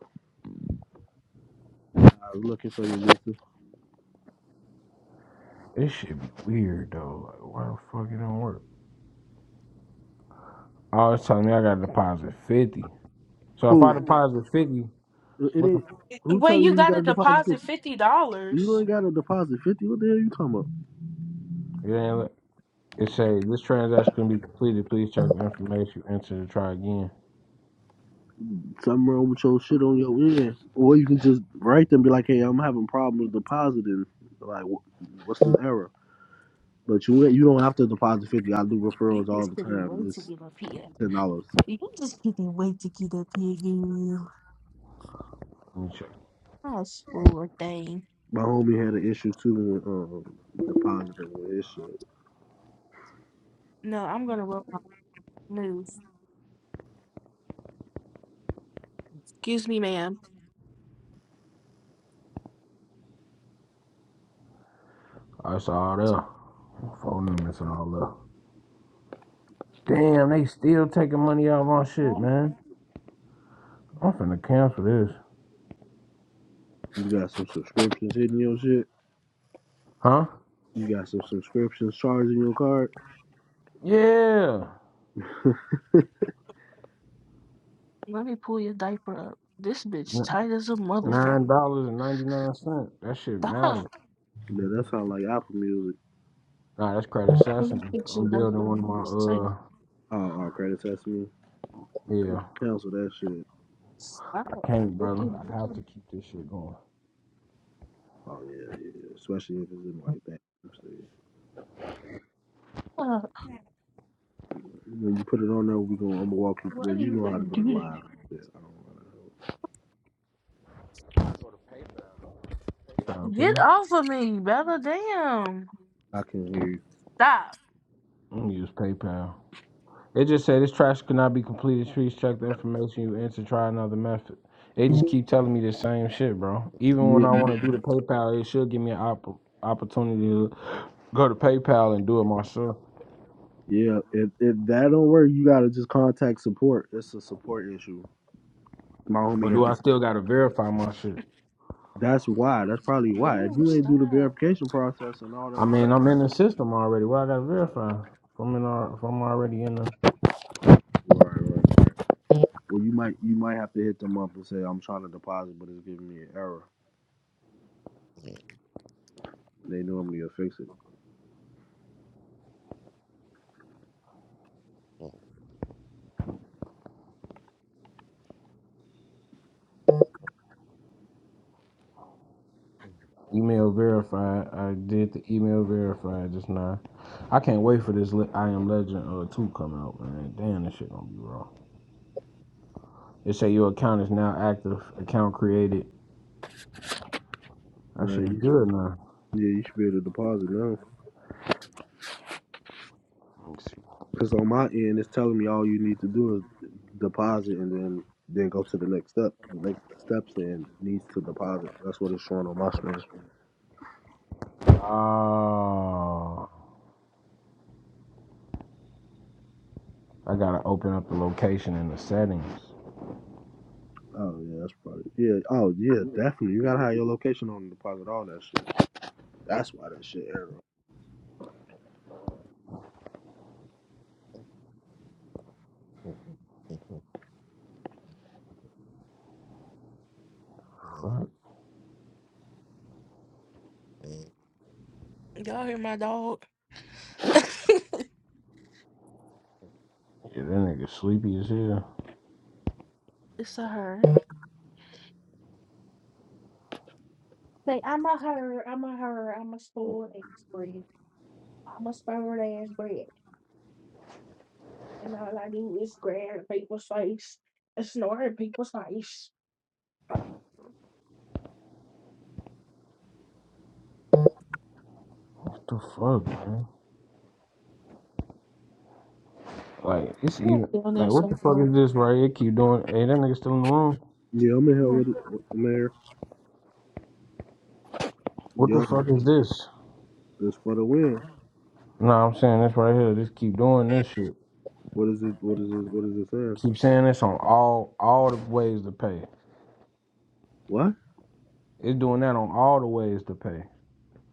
Speaker 6: I was looking for you, Mister.
Speaker 2: This shit be weird though. Like, why the fuck it don't work? Oh, it's telling me I gotta deposit fifty. So if
Speaker 6: Who?
Speaker 2: I deposit fifty,
Speaker 6: It
Speaker 2: what the?
Speaker 6: ain't.
Speaker 2: Fuck?
Speaker 6: Who
Speaker 1: Well,
Speaker 6: telling
Speaker 1: you
Speaker 6: you you got
Speaker 1: gotta
Speaker 6: to deposit
Speaker 1: deposit
Speaker 6: fifty?
Speaker 1: fifty
Speaker 6: You
Speaker 1: dollars.
Speaker 6: ain't got to deposit fifty. What the hell you talking about?
Speaker 2: It ain't. It say this transaction can be completed. Please check the information you enter to try again.
Speaker 6: Something wrong with your shit on your end, or you can just write them and be like, "Hey, I'm having problems depositing. Like, wh- what's the error?" But you you don't have to deposit fifty. I do
Speaker 1: You
Speaker 6: referrals all
Speaker 1: just
Speaker 6: the
Speaker 1: couldn't
Speaker 6: time.
Speaker 1: wait to
Speaker 6: It's
Speaker 1: get up here.
Speaker 6: ten dollars.
Speaker 1: You just couldn't wait to get up here, girl.
Speaker 2: Let me check.
Speaker 1: That's poor thing.
Speaker 6: My homie had an issue too with um depositing with his shit.
Speaker 1: No, I'm gonna roll my news. Excuse me, ma'am.
Speaker 2: Oh, it's all there. Phone numbers and all that. Damn, they still taking money out of my shit,
Speaker 1: Let
Speaker 2: man. I'm finna cancel this.
Speaker 6: You got some subscriptions hitting your shit.
Speaker 2: Huh?
Speaker 6: You got some subscriptions charging your card.
Speaker 2: Yeah.
Speaker 1: let me pull your diaper up. This bitch tight as a motherfucker.
Speaker 2: Nine dollars and ninety nine cents. That shit matter.
Speaker 1: Stop.
Speaker 6: Yeah, that's how like Apple Music.
Speaker 2: Nah, that's credit
Speaker 1: Let me
Speaker 2: assassin.
Speaker 1: fix your
Speaker 2: I'm
Speaker 1: diaper.
Speaker 2: building one of my
Speaker 1: Stop.
Speaker 2: uh.
Speaker 6: Oh, oh credit test me.
Speaker 2: Yeah,
Speaker 6: Cancel that shit.
Speaker 1: Stop.
Speaker 2: I can't,
Speaker 1: Look
Speaker 2: brother.
Speaker 1: at me.
Speaker 2: I have to keep this shit going.
Speaker 6: Oh yeah, yeah. Especially if it's in like that.
Speaker 1: Stop.
Speaker 6: When you put it on there, we gonna I'm gonna walk you.
Speaker 1: Why
Speaker 6: Well,
Speaker 1: do
Speaker 6: you
Speaker 1: you
Speaker 6: know how
Speaker 1: gotta
Speaker 6: to go
Speaker 1: do
Speaker 6: live.
Speaker 1: that?
Speaker 6: Yeah, I don't wanna.
Speaker 2: PayPal, couldn't
Speaker 1: Get
Speaker 2: I?
Speaker 1: off of me, Bella. Damn.
Speaker 6: I can hear
Speaker 1: Stop.
Speaker 2: I'm gonna use PayPal. It just said this trash could not be completed. Please check the information you entered. Try another method. They just keep telling me the same shit, bro. Even when
Speaker 6: you.
Speaker 2: I
Speaker 6: Yeah,
Speaker 2: want to do the PayPal, it should give me an opp- opportunity to go to PayPal and do it myself.
Speaker 6: yeah. If if that don't work, you gotta just contact support. It's a support issue. My
Speaker 2: Or
Speaker 6: homie
Speaker 2: do
Speaker 6: had to
Speaker 2: I still gotta verify my shit?
Speaker 6: That's why. That's probably why. If
Speaker 1: Ooh,
Speaker 6: you ain't do the
Speaker 1: stop.
Speaker 6: verification process and all that,
Speaker 2: I mean,
Speaker 6: whatever.
Speaker 2: I'm in the system already. Why I gotta verify? If I'm in, al- if I'm already in the
Speaker 6: Right, right. Well, you might you might have to hit them up and say I'm trying to deposit, but it's giving me an error. They normally will fix it.
Speaker 2: Email verified. I did the email verified just now. I can't wait for this Le- I Am Legend uh, 2 coming out, man. Damn, this shit gonna be raw. It say your account is now active. Account created. I
Speaker 6: No,
Speaker 2: should be
Speaker 6: you should,
Speaker 2: good now.
Speaker 6: yeah, you should be able to deposit now.
Speaker 2: Let me see.
Speaker 6: Because on my end, it's telling me all you need to do is deposit and then then go to the next step. The next step saying needs to deposit. That's what it's showing on my screen.
Speaker 2: Oh, I gotta open up the location and the settings.
Speaker 6: Oh yeah, that's probably yeah. Oh yeah, definitely. You gotta have your location on the deposit, all that shit. That's why that shit error.
Speaker 2: Fuck.
Speaker 1: Y'all hear my dog?
Speaker 2: Yeah, that nigga sleepy as hell.
Speaker 1: It's a her. Say, I'm a her, I'm a her, I'm a spoiled ass bread. I'm a spoiled ass bread. And all I do is grab people's face and snort in people's face.
Speaker 2: What the fuck, man? Like, it's even.
Speaker 1: Down
Speaker 2: Like,
Speaker 1: there,
Speaker 2: what the fuck is
Speaker 1: so
Speaker 2: this right here? Keep doing. Hey, that nigga still in the room.
Speaker 6: Yeah, I'm in here with it, Mayor.
Speaker 2: What the
Speaker 6: Yo,
Speaker 2: fuck is this?
Speaker 6: it's for the win.
Speaker 2: No, I'm saying this right here. Just keep doing this shit.
Speaker 6: What is it? What is it? What is it saying?
Speaker 2: Keep saying this on all all the ways to pay.
Speaker 6: What?
Speaker 2: It's doing that on all the ways to pay.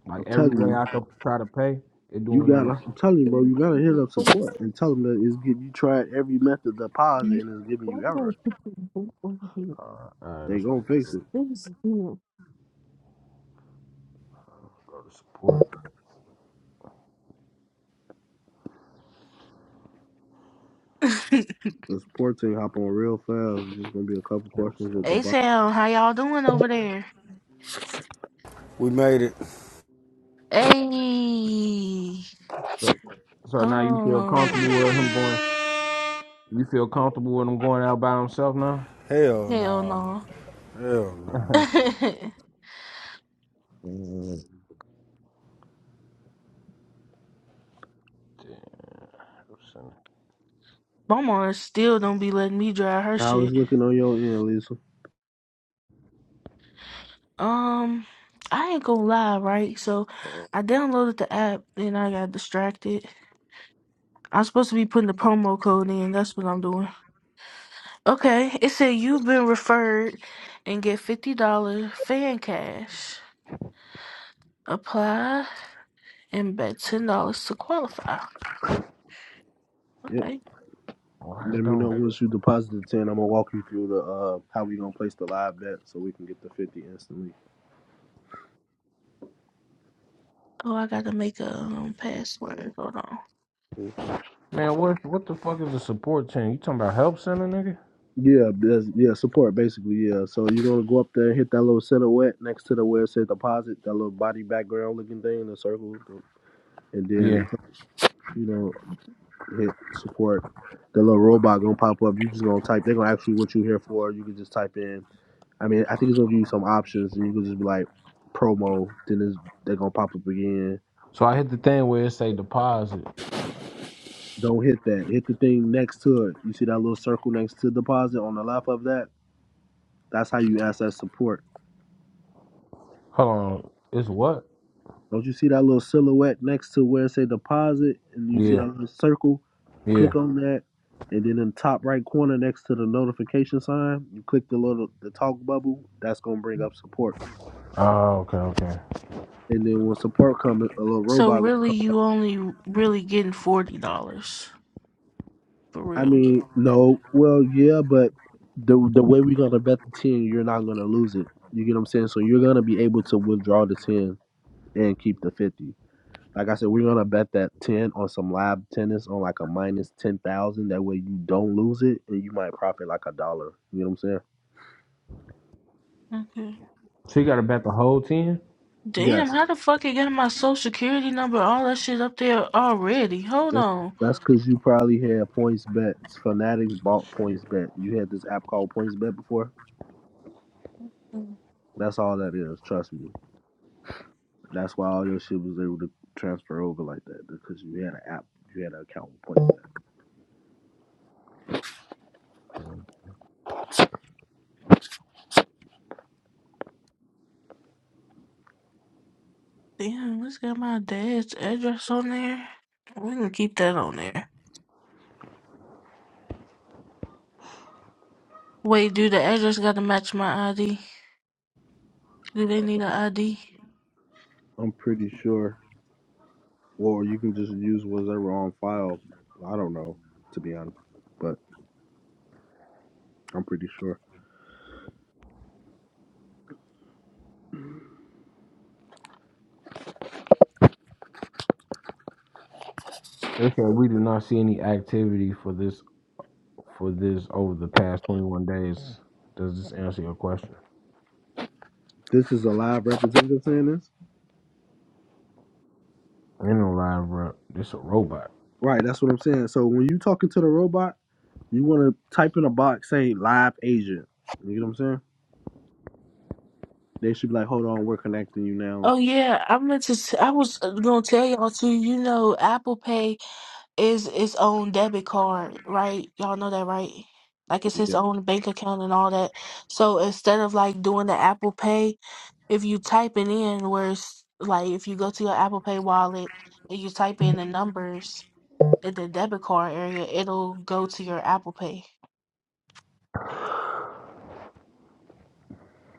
Speaker 2: Like
Speaker 6: I'm
Speaker 2: every
Speaker 6: telling
Speaker 2: way
Speaker 6: you,
Speaker 2: I could try to pay, it
Speaker 6: you
Speaker 2: doing that
Speaker 6: got. to
Speaker 2: on.
Speaker 6: I'm telling you, bro, you gotta hit
Speaker 1: Of
Speaker 6: up
Speaker 1: course.
Speaker 6: support and tell them that it's getting. You tried every method to pause it,
Speaker 1: Me-
Speaker 6: and it's giving
Speaker 1: Why
Speaker 6: you
Speaker 1: did I
Speaker 6: error.
Speaker 1: put the book on here?
Speaker 2: All right, all right
Speaker 6: They
Speaker 2: that's what
Speaker 6: gonna
Speaker 2: I'm gonna
Speaker 6: fix
Speaker 2: do.
Speaker 6: it.
Speaker 1: Things do.
Speaker 2: Go to support
Speaker 6: The support team hop on real fast. There's gonna be a couple
Speaker 2: help
Speaker 6: questions at the
Speaker 2: center.
Speaker 1: Hey
Speaker 6: bottom.
Speaker 1: Sam, how y'all doing over there?
Speaker 5: We made it.
Speaker 1: Hey,
Speaker 2: But so
Speaker 1: hold
Speaker 2: now you feel
Speaker 1: on.
Speaker 2: comfortable with him going. You feel comfortable with him going out by himself now.
Speaker 5: Hell
Speaker 1: Hell
Speaker 5: no.
Speaker 1: no.
Speaker 5: Hell
Speaker 2: Damn,
Speaker 5: no.
Speaker 2: help center.
Speaker 1: Mama still don't be letting me drive her
Speaker 6: How it's
Speaker 1: shit.
Speaker 6: looking on your end, Lisa?
Speaker 1: Um, I ain't gonna lie, right? So I downloaded the app, then I got distracted. I'm supposed to be putting the promo code in. That's what I'm doing. Okay, it said you've been referred and get $50 fan cash. Apply and bet $10 to qualify.
Speaker 6: Yep.
Speaker 1: Okay.
Speaker 2: Why I
Speaker 6: Let me know
Speaker 2: don't?
Speaker 6: once you deposit the ten. I'm gonna walk you through the uh how we gonna place the live bet so we can get the fifty instantly.
Speaker 1: Oh, I gotta make a um, password. Hold on.
Speaker 6: Cool.
Speaker 2: Man, what what the fuck is a support chain? You talking about help center, nigga?
Speaker 6: Yeah, that's, yeah, support basically. Yeah, so you're gonna go up there and hit that little silhouette next to the where it says deposit, that little body background looking thing in the circle, and then
Speaker 2: Yeah.
Speaker 6: you know hit support. The little robot gonna pop up. You just gonna type. They're gonna ask you what you here for. You can just type in. I mean, I think it's gonna give you some options, and you can just be like promo. Then it's, they're gonna pop up again.
Speaker 2: So I hit the thing where it say deposit.
Speaker 6: Don't hit that. Hit the thing next to it. You see that little circle next to deposit on the left of that. That's how you access support
Speaker 2: Hold on. It's what?
Speaker 6: Don't you see that little silhouette next to where it say deposit, and you see that
Speaker 2: Yeah.
Speaker 6: little circle?
Speaker 2: Yeah.
Speaker 6: Click on that, and then in the top right corner next to the notification sign, you click the little the talk bubble. That's gonna bring up support,
Speaker 2: Oh, okay, okay.
Speaker 6: and then when support comes, a little
Speaker 1: So
Speaker 6: robot gonna
Speaker 1: really,
Speaker 6: come up.
Speaker 1: you only really getting $40 for
Speaker 6: I
Speaker 1: real.
Speaker 6: mean, no, well, yeah, but the the way we're gonna bet the ten, you're not gonna lose it. You get what I'm saying? So you're gonna be able to withdraw the ten and keep the fifty. Like I said, we're gonna bet that ten on some live tennis on like a minus ten thousand. That way you don't lose it, and you might profit like a dollar. You know what I'm saying?
Speaker 1: Okay.
Speaker 2: So you got to bet the whole ten?
Speaker 1: Damn,
Speaker 6: Yes,
Speaker 1: how the fuck it got my social security number, all that shit up there already? Hold
Speaker 6: that's
Speaker 1: on.
Speaker 6: that's because you probably had points bets. Fanatics bought points bet. You had this app called Points Bet before.
Speaker 1: Mm.
Speaker 6: That's all that is. Trust me. That's why all your shit was able to transfer over like that because you had an app. You had an account with Points Bet.
Speaker 1: Damn, let's get my dad's address on there. We can keep that on there. Wait, do the address gotta match my ID? Do they need an ID?
Speaker 6: I'm pretty sure. Or you can just use whatever on file. I don't know, to be honest, but I'm pretty sure.
Speaker 2: Okay, we did not see any activity for this for this over the past twenty one days. Does this answer your question?
Speaker 6: This is a live representative saying this?
Speaker 2: Ain't no live rep. This a robot.
Speaker 6: Right, that's what I'm saying. So when you talking to the robot, you want to type in a box saying live agent. You get what I'm saying? They should be like, hold on, we're connecting you now.
Speaker 1: Oh yeah, I meant to. s- I was uh, gonna tell y'all too. You know, Apple Pay is its own debit card, right? Y'all know that, right? Like it's its
Speaker 6: Yeah.
Speaker 1: own bank account and all that. So instead of like doing the Apple Pay. if you type it in where it's like if you go to your Apple Pay wallet and you type in the numbers in the debit card area, it'll go to your Apple Pay.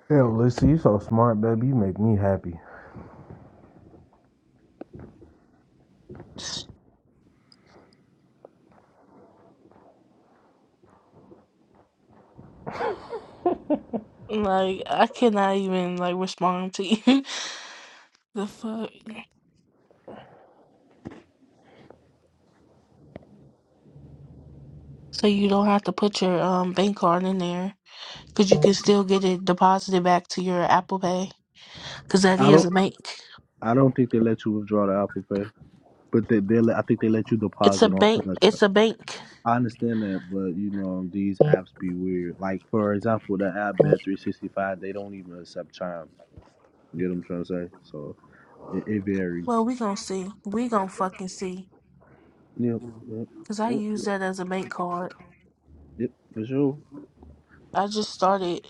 Speaker 2: Hell, Lisa, you so smart, baby. You make me happy.
Speaker 1: Like I cannot even like respond to you. the fuck. So you don't have to put your um bank card in there because you can still get it deposited back to your Apple Pay because that
Speaker 6: I
Speaker 1: is
Speaker 6: don't
Speaker 1: a bank.
Speaker 6: I don't think they let you withdraw the Apple Pay, but they, they let- I think they let you
Speaker 1: It's a
Speaker 6: deposit on
Speaker 1: bank.
Speaker 6: select.
Speaker 1: It's a bank.
Speaker 6: I understand that, but you know these apps be weird. Like for example, the app Bet 365, they don't even accept Chime. You get what I'm trying to say? So it, it
Speaker 1: Well,
Speaker 6: varies.
Speaker 1: we gonna see. We gonna fucking see.
Speaker 6: Yep, yep,
Speaker 1: Cause I
Speaker 6: yep,
Speaker 1: use that as a bank card.
Speaker 6: yep, for sure.
Speaker 1: I just started.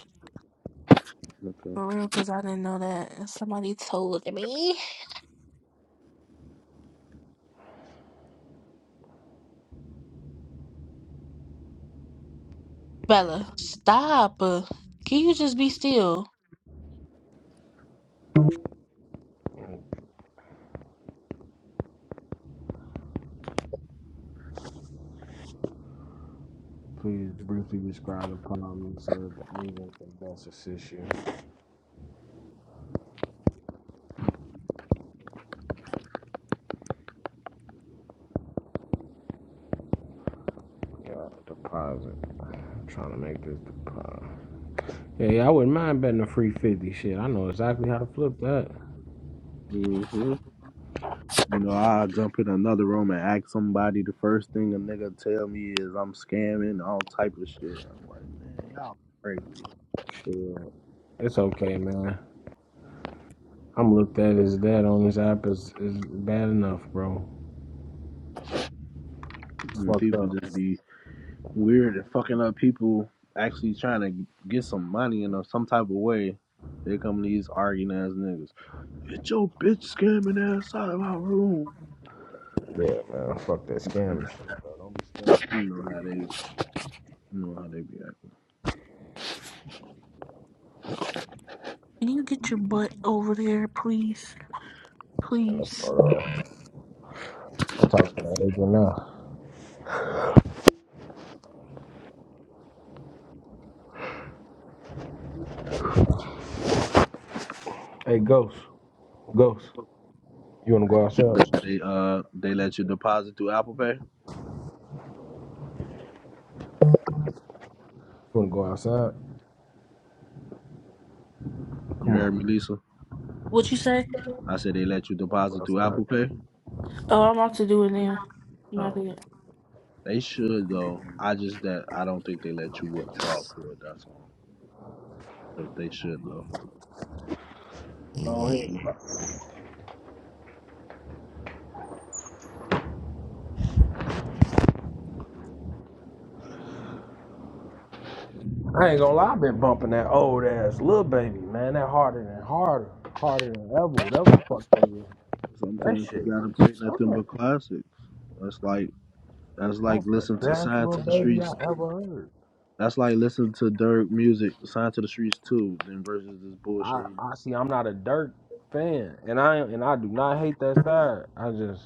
Speaker 6: Okay.
Speaker 1: For real, because I didn't know that. And Somebody told me. Bella, stop. Uh, Can you just be still?
Speaker 2: Please briefly describe the problem so that the agent can best assist you. Yeah, deposit. I'm trying to make this deposit. Yeah, yeah, I wouldn't mind betting a free fifty. Shit, I know exactly how to flip that.
Speaker 6: hmm You know, I jump in another room and ask somebody. The first thing a nigga tell me is I'm scamming, all type of shit. I'm like, man, y'all crazy.
Speaker 2: Shit. It's okay, man. I'm looked at as that on this app is is bad enough, bro. It's
Speaker 6: And
Speaker 2: fucked
Speaker 6: people
Speaker 2: up.
Speaker 6: just be weird and fucking up people actually trying to get some money in a, some type of way. Here come these arguing ass niggas. Get your bitch scamming ass out of my room.
Speaker 2: Yeah, man. Fuck that scammer.
Speaker 6: You know how they, you know how they be acting.
Speaker 1: Can you get your butt over there, please? Please.
Speaker 2: uh, I'm talking to that agent now. Hey, Ghost. Ghost. You wanna go outside? You
Speaker 6: They uh, they let you deposit through Apple Pay.
Speaker 2: wanna go outside?
Speaker 6: You
Speaker 2: Come
Speaker 6: heard me,
Speaker 2: on.
Speaker 6: Lisa?
Speaker 1: What you say?
Speaker 6: I said they let you deposit
Speaker 2: It's
Speaker 6: through
Speaker 2: not-
Speaker 6: Apple Pay.
Speaker 1: Oh, I'm about to do it now. I'm about
Speaker 6: Oh.
Speaker 1: to do it.
Speaker 6: They should though. I just that I don't think they let you withdraw for it. That's all. But they should though.
Speaker 2: I ain't gonna lie, I've been bumping that old ass little baby, man. That harder than harder, harder than ever, whatever the fuck that is. That
Speaker 6: Sometimes you
Speaker 2: shit
Speaker 6: gotta
Speaker 2: was
Speaker 6: play nothing but
Speaker 2: slamming.
Speaker 6: classics. That's like that's
Speaker 2: That
Speaker 6: like
Speaker 2: was the
Speaker 6: listen to
Speaker 2: best
Speaker 6: Sign
Speaker 2: little
Speaker 6: to the
Speaker 2: baby I
Speaker 6: Streets.
Speaker 2: ever heard.
Speaker 6: That's like listen to Dirk music, Sign to the Streets too. Then versus this
Speaker 2: I,
Speaker 6: bullshit.
Speaker 2: I see I'm not a Dirk fan, and I and I do not hate that side. I just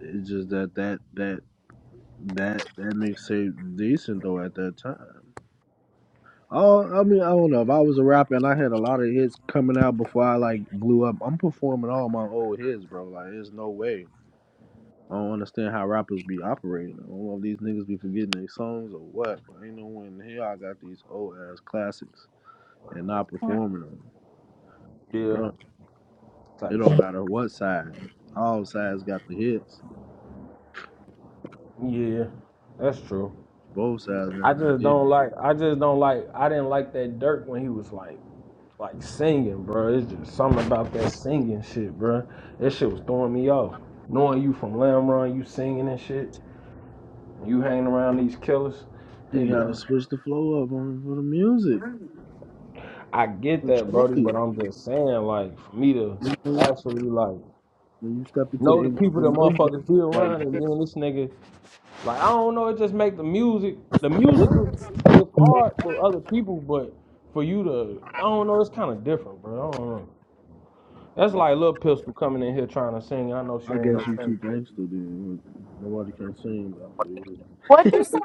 Speaker 6: It's just that that that that that makes it decent though at that time. Oh, I mean, I don't know. If I was a rapper and I had a lot of hits coming out before I like blew up, I'm performing all my old hits, bro. Like, there's no way. I don't understand how rappers be operating. I don't know if these niggas be forgetting their songs or what, but ain't no one in here. I got these old ass classics and not
Speaker 1: Alright.
Speaker 6: performing them. Like,
Speaker 2: yeah
Speaker 6: bro, it
Speaker 2: type
Speaker 6: don't
Speaker 2: shit.
Speaker 6: matter what side. All sides got the hits.
Speaker 2: Yeah, that's true.
Speaker 6: Both sides
Speaker 2: I
Speaker 6: got the
Speaker 2: just
Speaker 6: hits.
Speaker 2: don't like. I just don't like. I didn't like that Dirk when he was like like singing, bro. It's just something about that singing shit, bro. That shit was throwing me off. Knowing you from Lamb Run, you singing and shit, you hanging around these killers, they
Speaker 6: You
Speaker 2: be
Speaker 6: gotta
Speaker 2: like,
Speaker 6: switch the flow up on for the music.
Speaker 2: I get
Speaker 6: No
Speaker 2: that,
Speaker 6: choice.
Speaker 2: Brody,
Speaker 6: You
Speaker 2: but I'm just saying, like, for me to
Speaker 6: know,
Speaker 2: actually like
Speaker 6: when you step into the
Speaker 2: know the
Speaker 6: industry,
Speaker 2: people that
Speaker 6: you know you
Speaker 2: motherfuckers be
Speaker 6: got
Speaker 2: around
Speaker 6: like
Speaker 2: and
Speaker 6: this.
Speaker 2: then this nigga like I don't know, it just make the music the music was it's hard for other people, but for you to I don't know, it's kinda different, bro. I don't know. That's
Speaker 6: I
Speaker 2: like Lil Pistol coming in here trying to sing. I know she ain't no
Speaker 6: guess you two
Speaker 2: singer.
Speaker 6: gangster then. Nobody can sing about for you.
Speaker 9: What you say?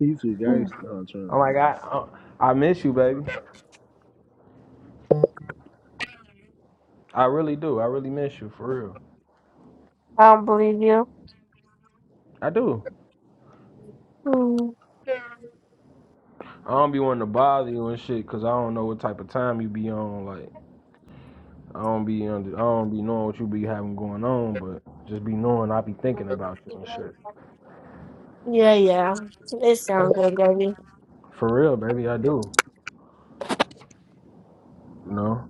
Speaker 6: You too gangster, huh, Trent?
Speaker 2: I'm like I I, I miss you, baby. I really do. I really miss you for real.
Speaker 9: I don't believe you.
Speaker 2: I do.
Speaker 9: Hmm.
Speaker 2: I don't be wanting to bother you and shit, cause I don't know what type of time you be on. Like I don't be under, I don't be knowing what you be having going on, but just be knowing I be thinking about you and shit.
Speaker 9: Yeah, yeah. It sounds good, baby.
Speaker 2: For real, baby, I do. You know,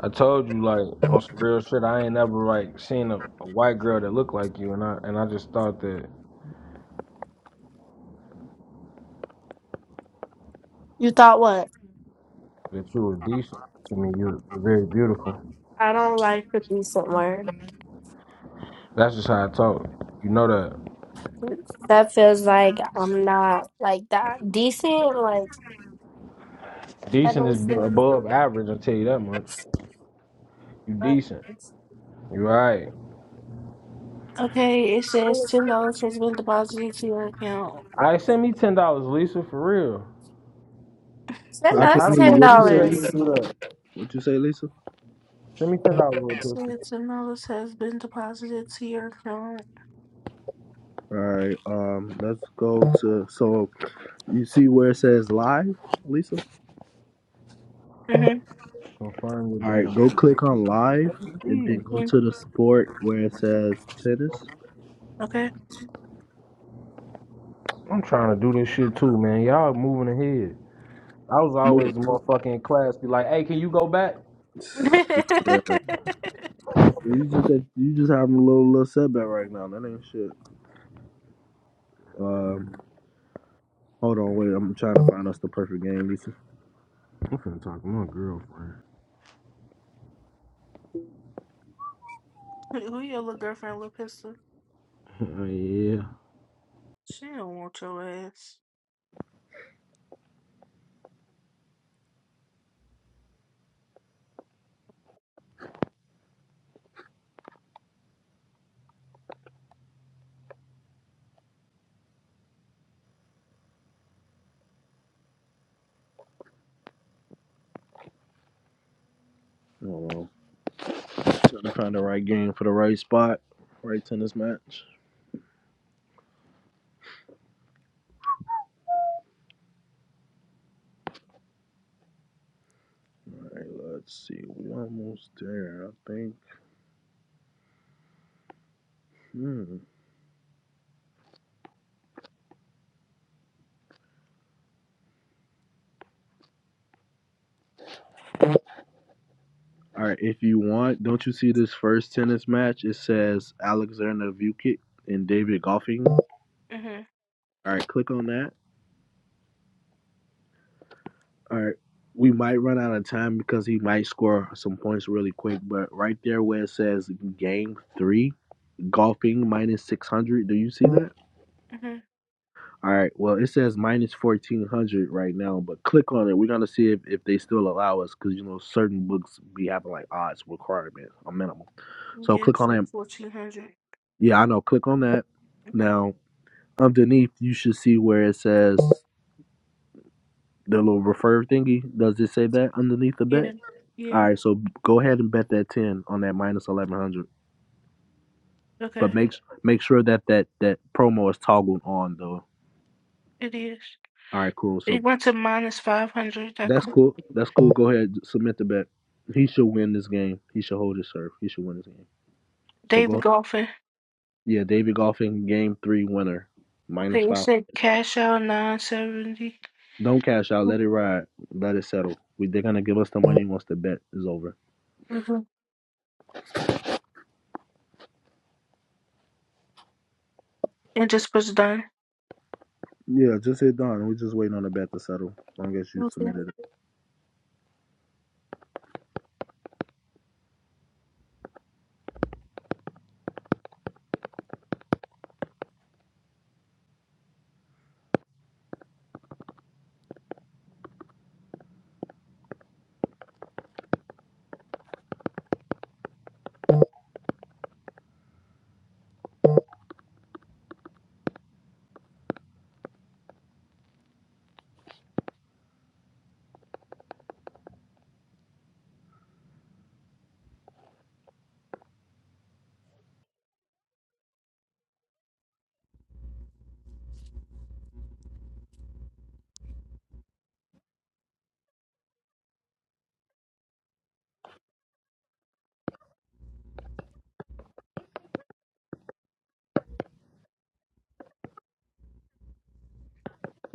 Speaker 2: I told you like on some real shit. I ain't ever like seen a, a white girl that looked like you, and I and I just thought that
Speaker 9: You thought what?
Speaker 2: that you were decent to me. You're very beautiful.
Speaker 9: I don't like to be somewhere.
Speaker 2: That's just how I talk. You know that
Speaker 9: That feels like I'm not like that decent. Like that
Speaker 2: decent
Speaker 9: don't
Speaker 2: is
Speaker 9: seem.
Speaker 2: above average. I tell you that much. You decent. You right.
Speaker 1: Okay, it says $10 has been deposited to your account.
Speaker 2: I send me ten dollars, Lisa, for real.
Speaker 9: Send
Speaker 6: I
Speaker 2: Cause
Speaker 6: can
Speaker 9: us
Speaker 2: how the
Speaker 6: hear
Speaker 9: ten
Speaker 6: you.
Speaker 2: fuck
Speaker 6: What
Speaker 2: you
Speaker 6: you
Speaker 2: was
Speaker 6: say? You
Speaker 2: able to
Speaker 6: two?
Speaker 9: dollars.
Speaker 2: do that?
Speaker 6: What would you say, Lisa?
Speaker 2: Send me ten dollars, little
Speaker 1: So
Speaker 2: pussy.
Speaker 1: it's $10 has been deposited to your account.
Speaker 6: All right. Um, let's go to so you see where it says live, Lisa.
Speaker 1: Mm-hmm.
Speaker 2: Confirm your
Speaker 6: All right, go
Speaker 2: data.
Speaker 6: click on live and then
Speaker 2: You
Speaker 6: go to the sport where it says tennis.
Speaker 1: Okay.
Speaker 2: I'm trying to do this shit too, man. Y'all moving ahead. I was
Speaker 6: Look,
Speaker 2: always the motherfucker in class, be like, hey, can you go back?
Speaker 6: uh, you just you just having a little little setback right now. That ain't shit. Um, hold on, wait. I'm trying to find us the perfect game, Lisa.
Speaker 2: I'm finna talk to my girlfriend.
Speaker 1: Who your little girlfriend, little pistol?
Speaker 2: yeah.
Speaker 1: She don't want your ass.
Speaker 6: Hold on. Trying to find the right game for the right spot, right tennis match. All right, let's see. We're almost there, I think. Hmm. All right, if you want, don't you see this first tennis match? It says Alexander Vukic and David Goffin. All
Speaker 1: Mm-hmm.
Speaker 6: right, click on that. All right, we might run out of time because he might score some points really quick, but right there where it says game three, Goffin 600, do you see that? All right, well, it says minus 1400 right now, but click on it. We're going to see if, if they still allow us because, you know, certain books be having like odds requirements, a minimum. So
Speaker 1: Yes,
Speaker 6: click on that.
Speaker 1: it's fourteen hundred.
Speaker 6: Yeah, I know. Click on that.
Speaker 1: Mm-hmm.
Speaker 6: Now, underneath you should see where it says the little refer thingy. Does it say that underneath the
Speaker 1: Yeah,
Speaker 6: bet? All
Speaker 1: yeah.
Speaker 6: right, so go ahead and bet that ten on that minus eleven hundred, but
Speaker 1: Okay,
Speaker 6: make make sure that that that promo is toggled on though.
Speaker 1: it is.
Speaker 6: All right, cool.
Speaker 1: It
Speaker 6: So
Speaker 1: went to minus five hundred. That
Speaker 6: that's
Speaker 1: co-
Speaker 6: cool. That's cool. Go ahead, submit the bet. He should win this game. He should hold his serve. He should win this game. So
Speaker 1: daily
Speaker 6: go.
Speaker 1: golfing.
Speaker 6: Yeah, David Goffin, game three winner minus
Speaker 1: Okay, it
Speaker 6: five.
Speaker 1: said cash out nine seventy.
Speaker 6: Don't cash out. Let it ride. Let it settle. We, they're gonna give us the money once the bet is over.
Speaker 1: Mm-hmm. And just was done.
Speaker 6: Yeah, just hit Don. We're just waiting on the bet to settle. As long as you
Speaker 1: Okay.
Speaker 6: submitted it.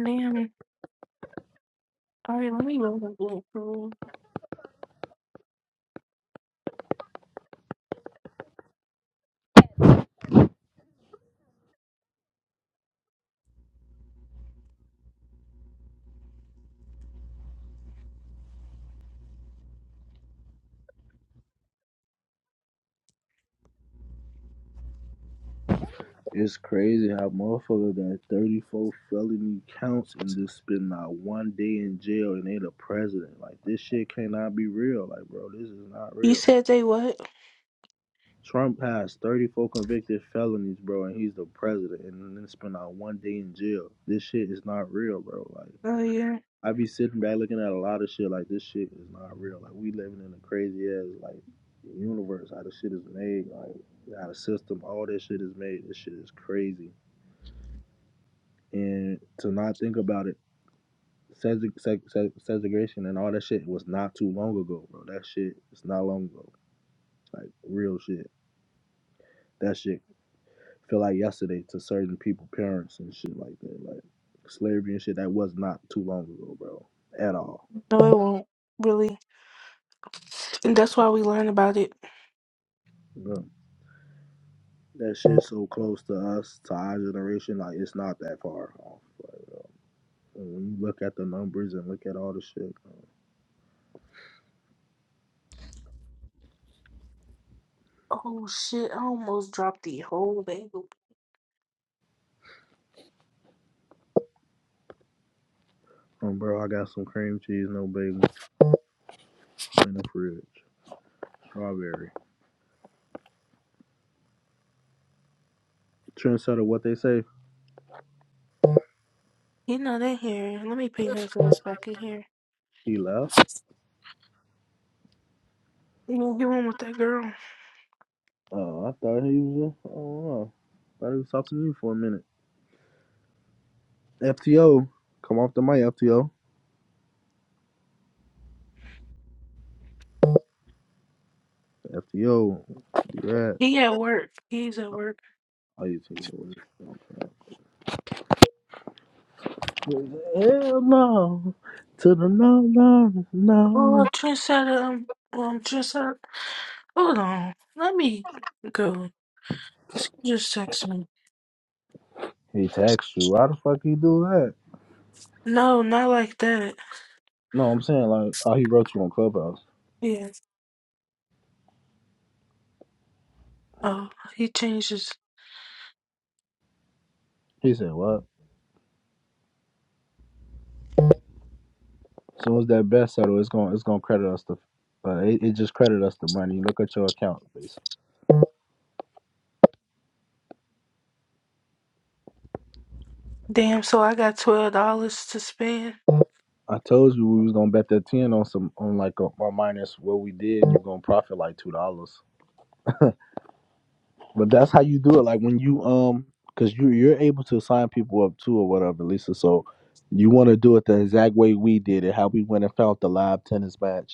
Speaker 1: Damn. All right, let me go. look, bro.
Speaker 6: It's crazy how motherfucker got 34 felony counts and just spent not one day in jail and they the president. Like, this shit cannot be real. Like, bro, this is not
Speaker 1: You
Speaker 6: real.
Speaker 1: said they what?
Speaker 6: Trump has 34 convicted felonies, bro, and he's the president and then spent not one day in jail. This shit is not real, bro. Like.
Speaker 1: Oh yeah.
Speaker 6: I be sitting back looking at a lot of shit like this shit is not real. Like we living in a crazy ass like universe. How the shit is made, like how the system, all that shit is made. This shit is crazy. And to not think about it, seg- seg- seg- segregation and all that shit was not too long ago, bro. That shit is not long ago. Like real shit. That shit feel like yesterday to certain people, parents and shit like that. Like slavery and shit that was not too long ago, bro. At all.
Speaker 1: No, it won't really. And that's why we learn about it.
Speaker 6: Yeah. that shit's so close to us, to our generation, like it's not that far off. Like, when you look at the numbers and look at all the shit, uh,
Speaker 1: Oh shit! I almost dropped the whole bagel.
Speaker 6: um, bro, I got some cream cheese, no bacon, in the fridge, strawberry. Trent said what they say.
Speaker 1: You know that here. Let me ping her ass back in here.
Speaker 6: He left.
Speaker 1: You know, he went with that girl.
Speaker 6: Oh, I thought he was. Oh, I thought he was talking to you for a minute. FTO, come off the mic, FTO. FTO, you're at.
Speaker 1: He at work. He's at work.
Speaker 6: Oh, you took it away. Hell no, to the no, no, no.
Speaker 1: Oh, Trendsetter. Um, um, Trendsetter. Hold on. Let me go. Cause he just texted me.
Speaker 6: He texts you. Why the fuck he do that?
Speaker 1: No, not like that.
Speaker 6: No, I'm saying like, oh, he wrote you on Clubhouse.
Speaker 1: Yeah. Oh, he changed his.
Speaker 6: He said what? As soon as that bet settle, it's gonna it's gonna credit us the, uh, it, it just credit us the money. Look at your account, basically.
Speaker 1: Damn. So I got twelve dollars to spend.
Speaker 6: I told you we was gonna bet that ten on some on like a, a minus what we did. You're gonna profit like two dollars. But that's how you do it. Like when you um, cause you you're able to sign people up too or whatever, Lisa. So you want to do it the exact way we did it, how we went and found the live tennis match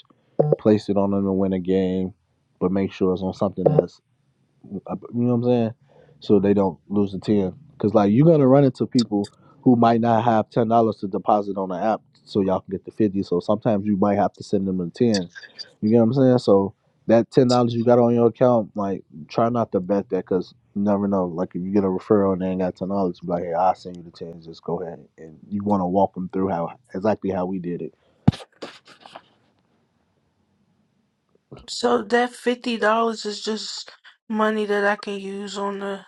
Speaker 6: place it on them to win a game, but make sure it's on something that's uh, you know what I'm saying, so they don't lose the ten. Cause like you're gonna run into people who might not have ten dollars to deposit on the app, so y'all can get the fifty. So sometimes you might have to send them a ten. You get what I'm saying? So that ten dollars you got on your account, like try not to bet that, cause you never know. Like if you get a referral and they ain't got ten dollars, be like, hey, I'll send you the ten. Just go ahead and you want to walk them through how exactly how we did it.
Speaker 1: So that fifty dollars is just money that I can use on the.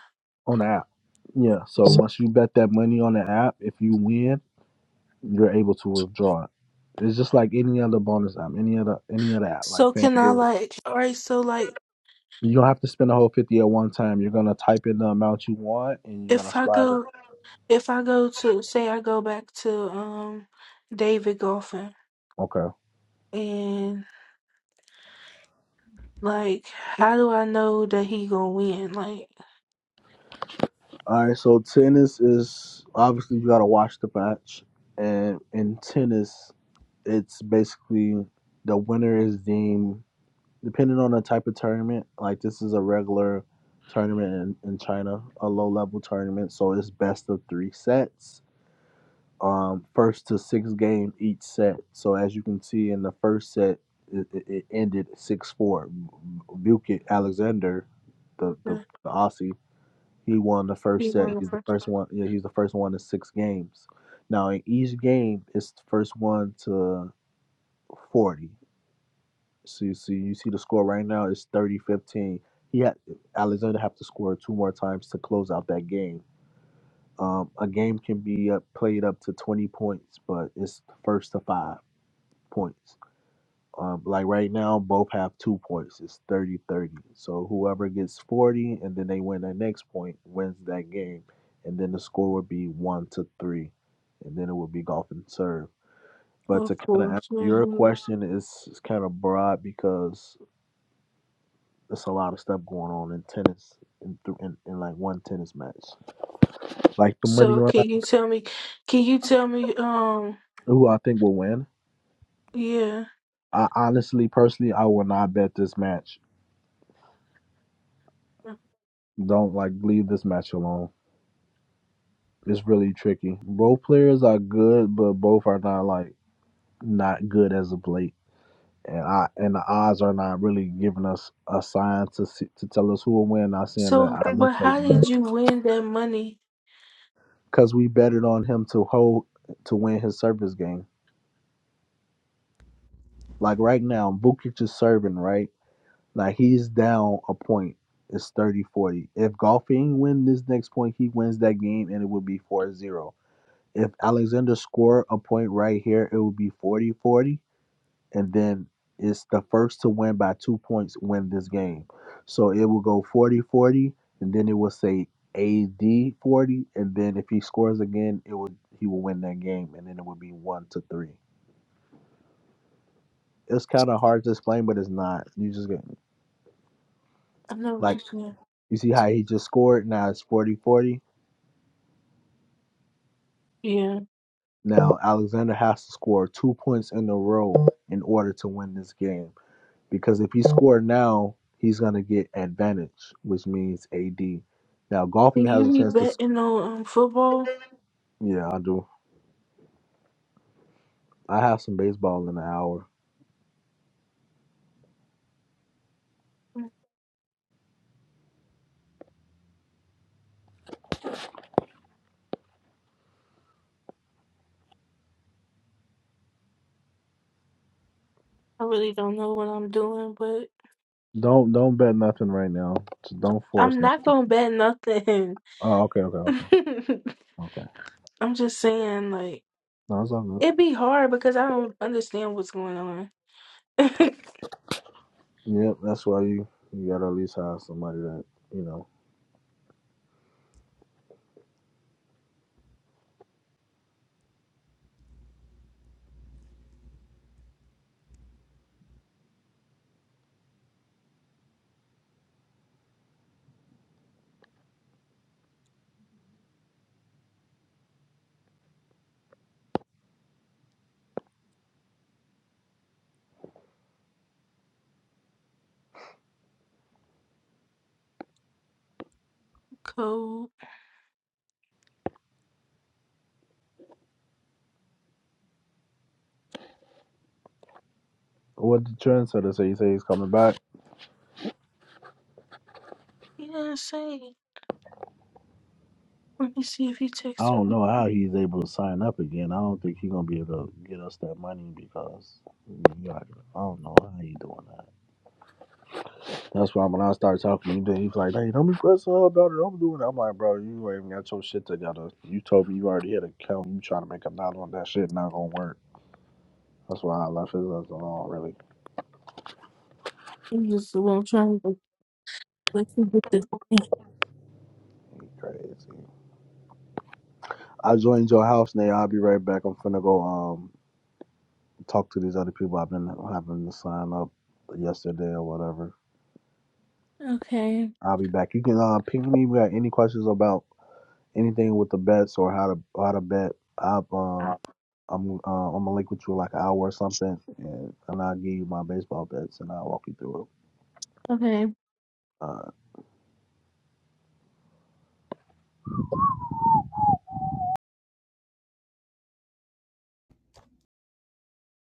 Speaker 6: on the app. Yeah. So once you bet that money on the app, if you win, you're able to withdraw it. It's just like any other bonus app, any other any other app, like
Speaker 1: So can I
Speaker 6: FanDuel.
Speaker 1: like? All right. So like,
Speaker 6: You don't have to spend a whole fifty at one time. You're gonna type in the amount you want, and you're gonna
Speaker 1: if I
Speaker 6: slide it.
Speaker 1: go, if I go to say I go back to um, David golfing
Speaker 6: Okay.
Speaker 1: and. Like, how do I know that he gonna win? Like,
Speaker 6: All right. So tennis is obviously you gotta watch the match, and in tennis, it's basically the winner is deemed depending on the type of tournament, like this is a regular tournament in, in China, a low level tournament. So it's best of three sets, um, first to six game each set. So as you can see in the first set, it, it, it ended 6 4. Bukit Alexander, the, the,
Speaker 1: okay,
Speaker 6: the Aussie, he won the
Speaker 1: he
Speaker 6: first set.
Speaker 1: won the
Speaker 6: He's the
Speaker 1: first,
Speaker 6: first one. Yeah, he's the first one in six games. Now in each game, it's the first one to 40. See, see, you see the score right now is thirty fifteen. He had Alexander have to score two more times to close out that game. Um, a game can be uh, played up to 20 points, but it's first to five points. Um, like right now, both have two points. It's thirty thirty. So whoever gets 40 and then they win that next point wins that game. And then the score would be one to three. And then it would be golf and serve. But
Speaker 1: of
Speaker 6: to kind of
Speaker 1: course.
Speaker 6: answer your
Speaker 1: mhm.
Speaker 6: question, it's, it's kind of broad because It's a lot of stuff going on in tennis in, th- in in like one tennis match. Like the money
Speaker 1: So,
Speaker 6: line,
Speaker 1: can you tell me? Can you tell me? Um,
Speaker 6: who I think will win.
Speaker 1: yeah.
Speaker 6: I honestly, personally, I will not bet this match. Don't like leave this match alone. It's really tricky. Both players are good, but both are not like not good as of late. And I and the odds are not really giving us a sign to see, to tell us who will win. Not saying
Speaker 1: So,
Speaker 6: that I look
Speaker 1: but
Speaker 6: for
Speaker 1: how did
Speaker 6: Lawrence
Speaker 1: you win that money?
Speaker 6: because we betted on him to hold to win his service game. Like right now, Bukic is serving right Like he's down a point. It's thirty forty. 40. If golfing win this next point, he wins that game and it would be four zero. If Alexander score a point right here, it would be 40 40, And then it's the first to win by two points win this game. So it will go 40 40, And then it will say AD 40. And then if he scores again, it would he will win that game. And then it would be 1 to 3. It's kind of hard to explain, but it's not. You just get
Speaker 1: I know what
Speaker 6: like
Speaker 1: you're saying.
Speaker 6: You see how he just scored? Now it's 40 40.
Speaker 1: Yeah.
Speaker 6: Now Alexander has to score two points in a row in order to win this game. Because if he scored now, he's going to get advantage, which means AD. Now golfing
Speaker 1: Can
Speaker 6: has
Speaker 1: you
Speaker 6: a
Speaker 1: be
Speaker 6: chance to. Sc-
Speaker 1: betting on um, football?
Speaker 6: yeah, I do. I have some baseball in an hour.
Speaker 1: I really don't know what I'm doing, but
Speaker 6: Don't don't bet nothing right now. So don't force
Speaker 1: I'm not
Speaker 6: nothing.
Speaker 1: gonna bet nothing.
Speaker 6: Oh, okay, okay, okay, okay.
Speaker 1: I'm just saying, like,
Speaker 6: No, it's all good.
Speaker 1: it'd be hard because I don't understand what's going on.
Speaker 6: Yep, that's why you, you got to at least have somebody that, you know.
Speaker 1: Cold.
Speaker 6: What did Trent sort of say? you say he's coming back.
Speaker 1: Yeah, say. Let me see if he
Speaker 6: I
Speaker 1: texted
Speaker 6: don't
Speaker 1: me.
Speaker 6: know how he's able to sign up again. I don't think he's gonna be able to get us that money because we got- I don't know how he doing that. That's why when I started talking to him, he's like, "Hey, don't be pressing her about it. I'm doing it." I'm like, "Bro, you ain't even got your shit together. You told me you already had an account. You trying to make a knot on that shit? Not gonna work." That's why I left his ass alone. Really,
Speaker 1: He was the one trying to let you get this. thing.
Speaker 6: he crazy. I joined your house, Nate. I'll be right back. I'm finna go um talk to these other people I've been having to sign up yesterday or whatever.
Speaker 1: Okay.
Speaker 6: I'll be back. You can uh, ping me if you got any questions about anything with the bets or how to how to bet. I've um I'm uh, I'm gonna link with you in like an hour or something, and, and I'll give you my baseball bets and I'll walk you through it.
Speaker 1: Okay.
Speaker 6: Uh,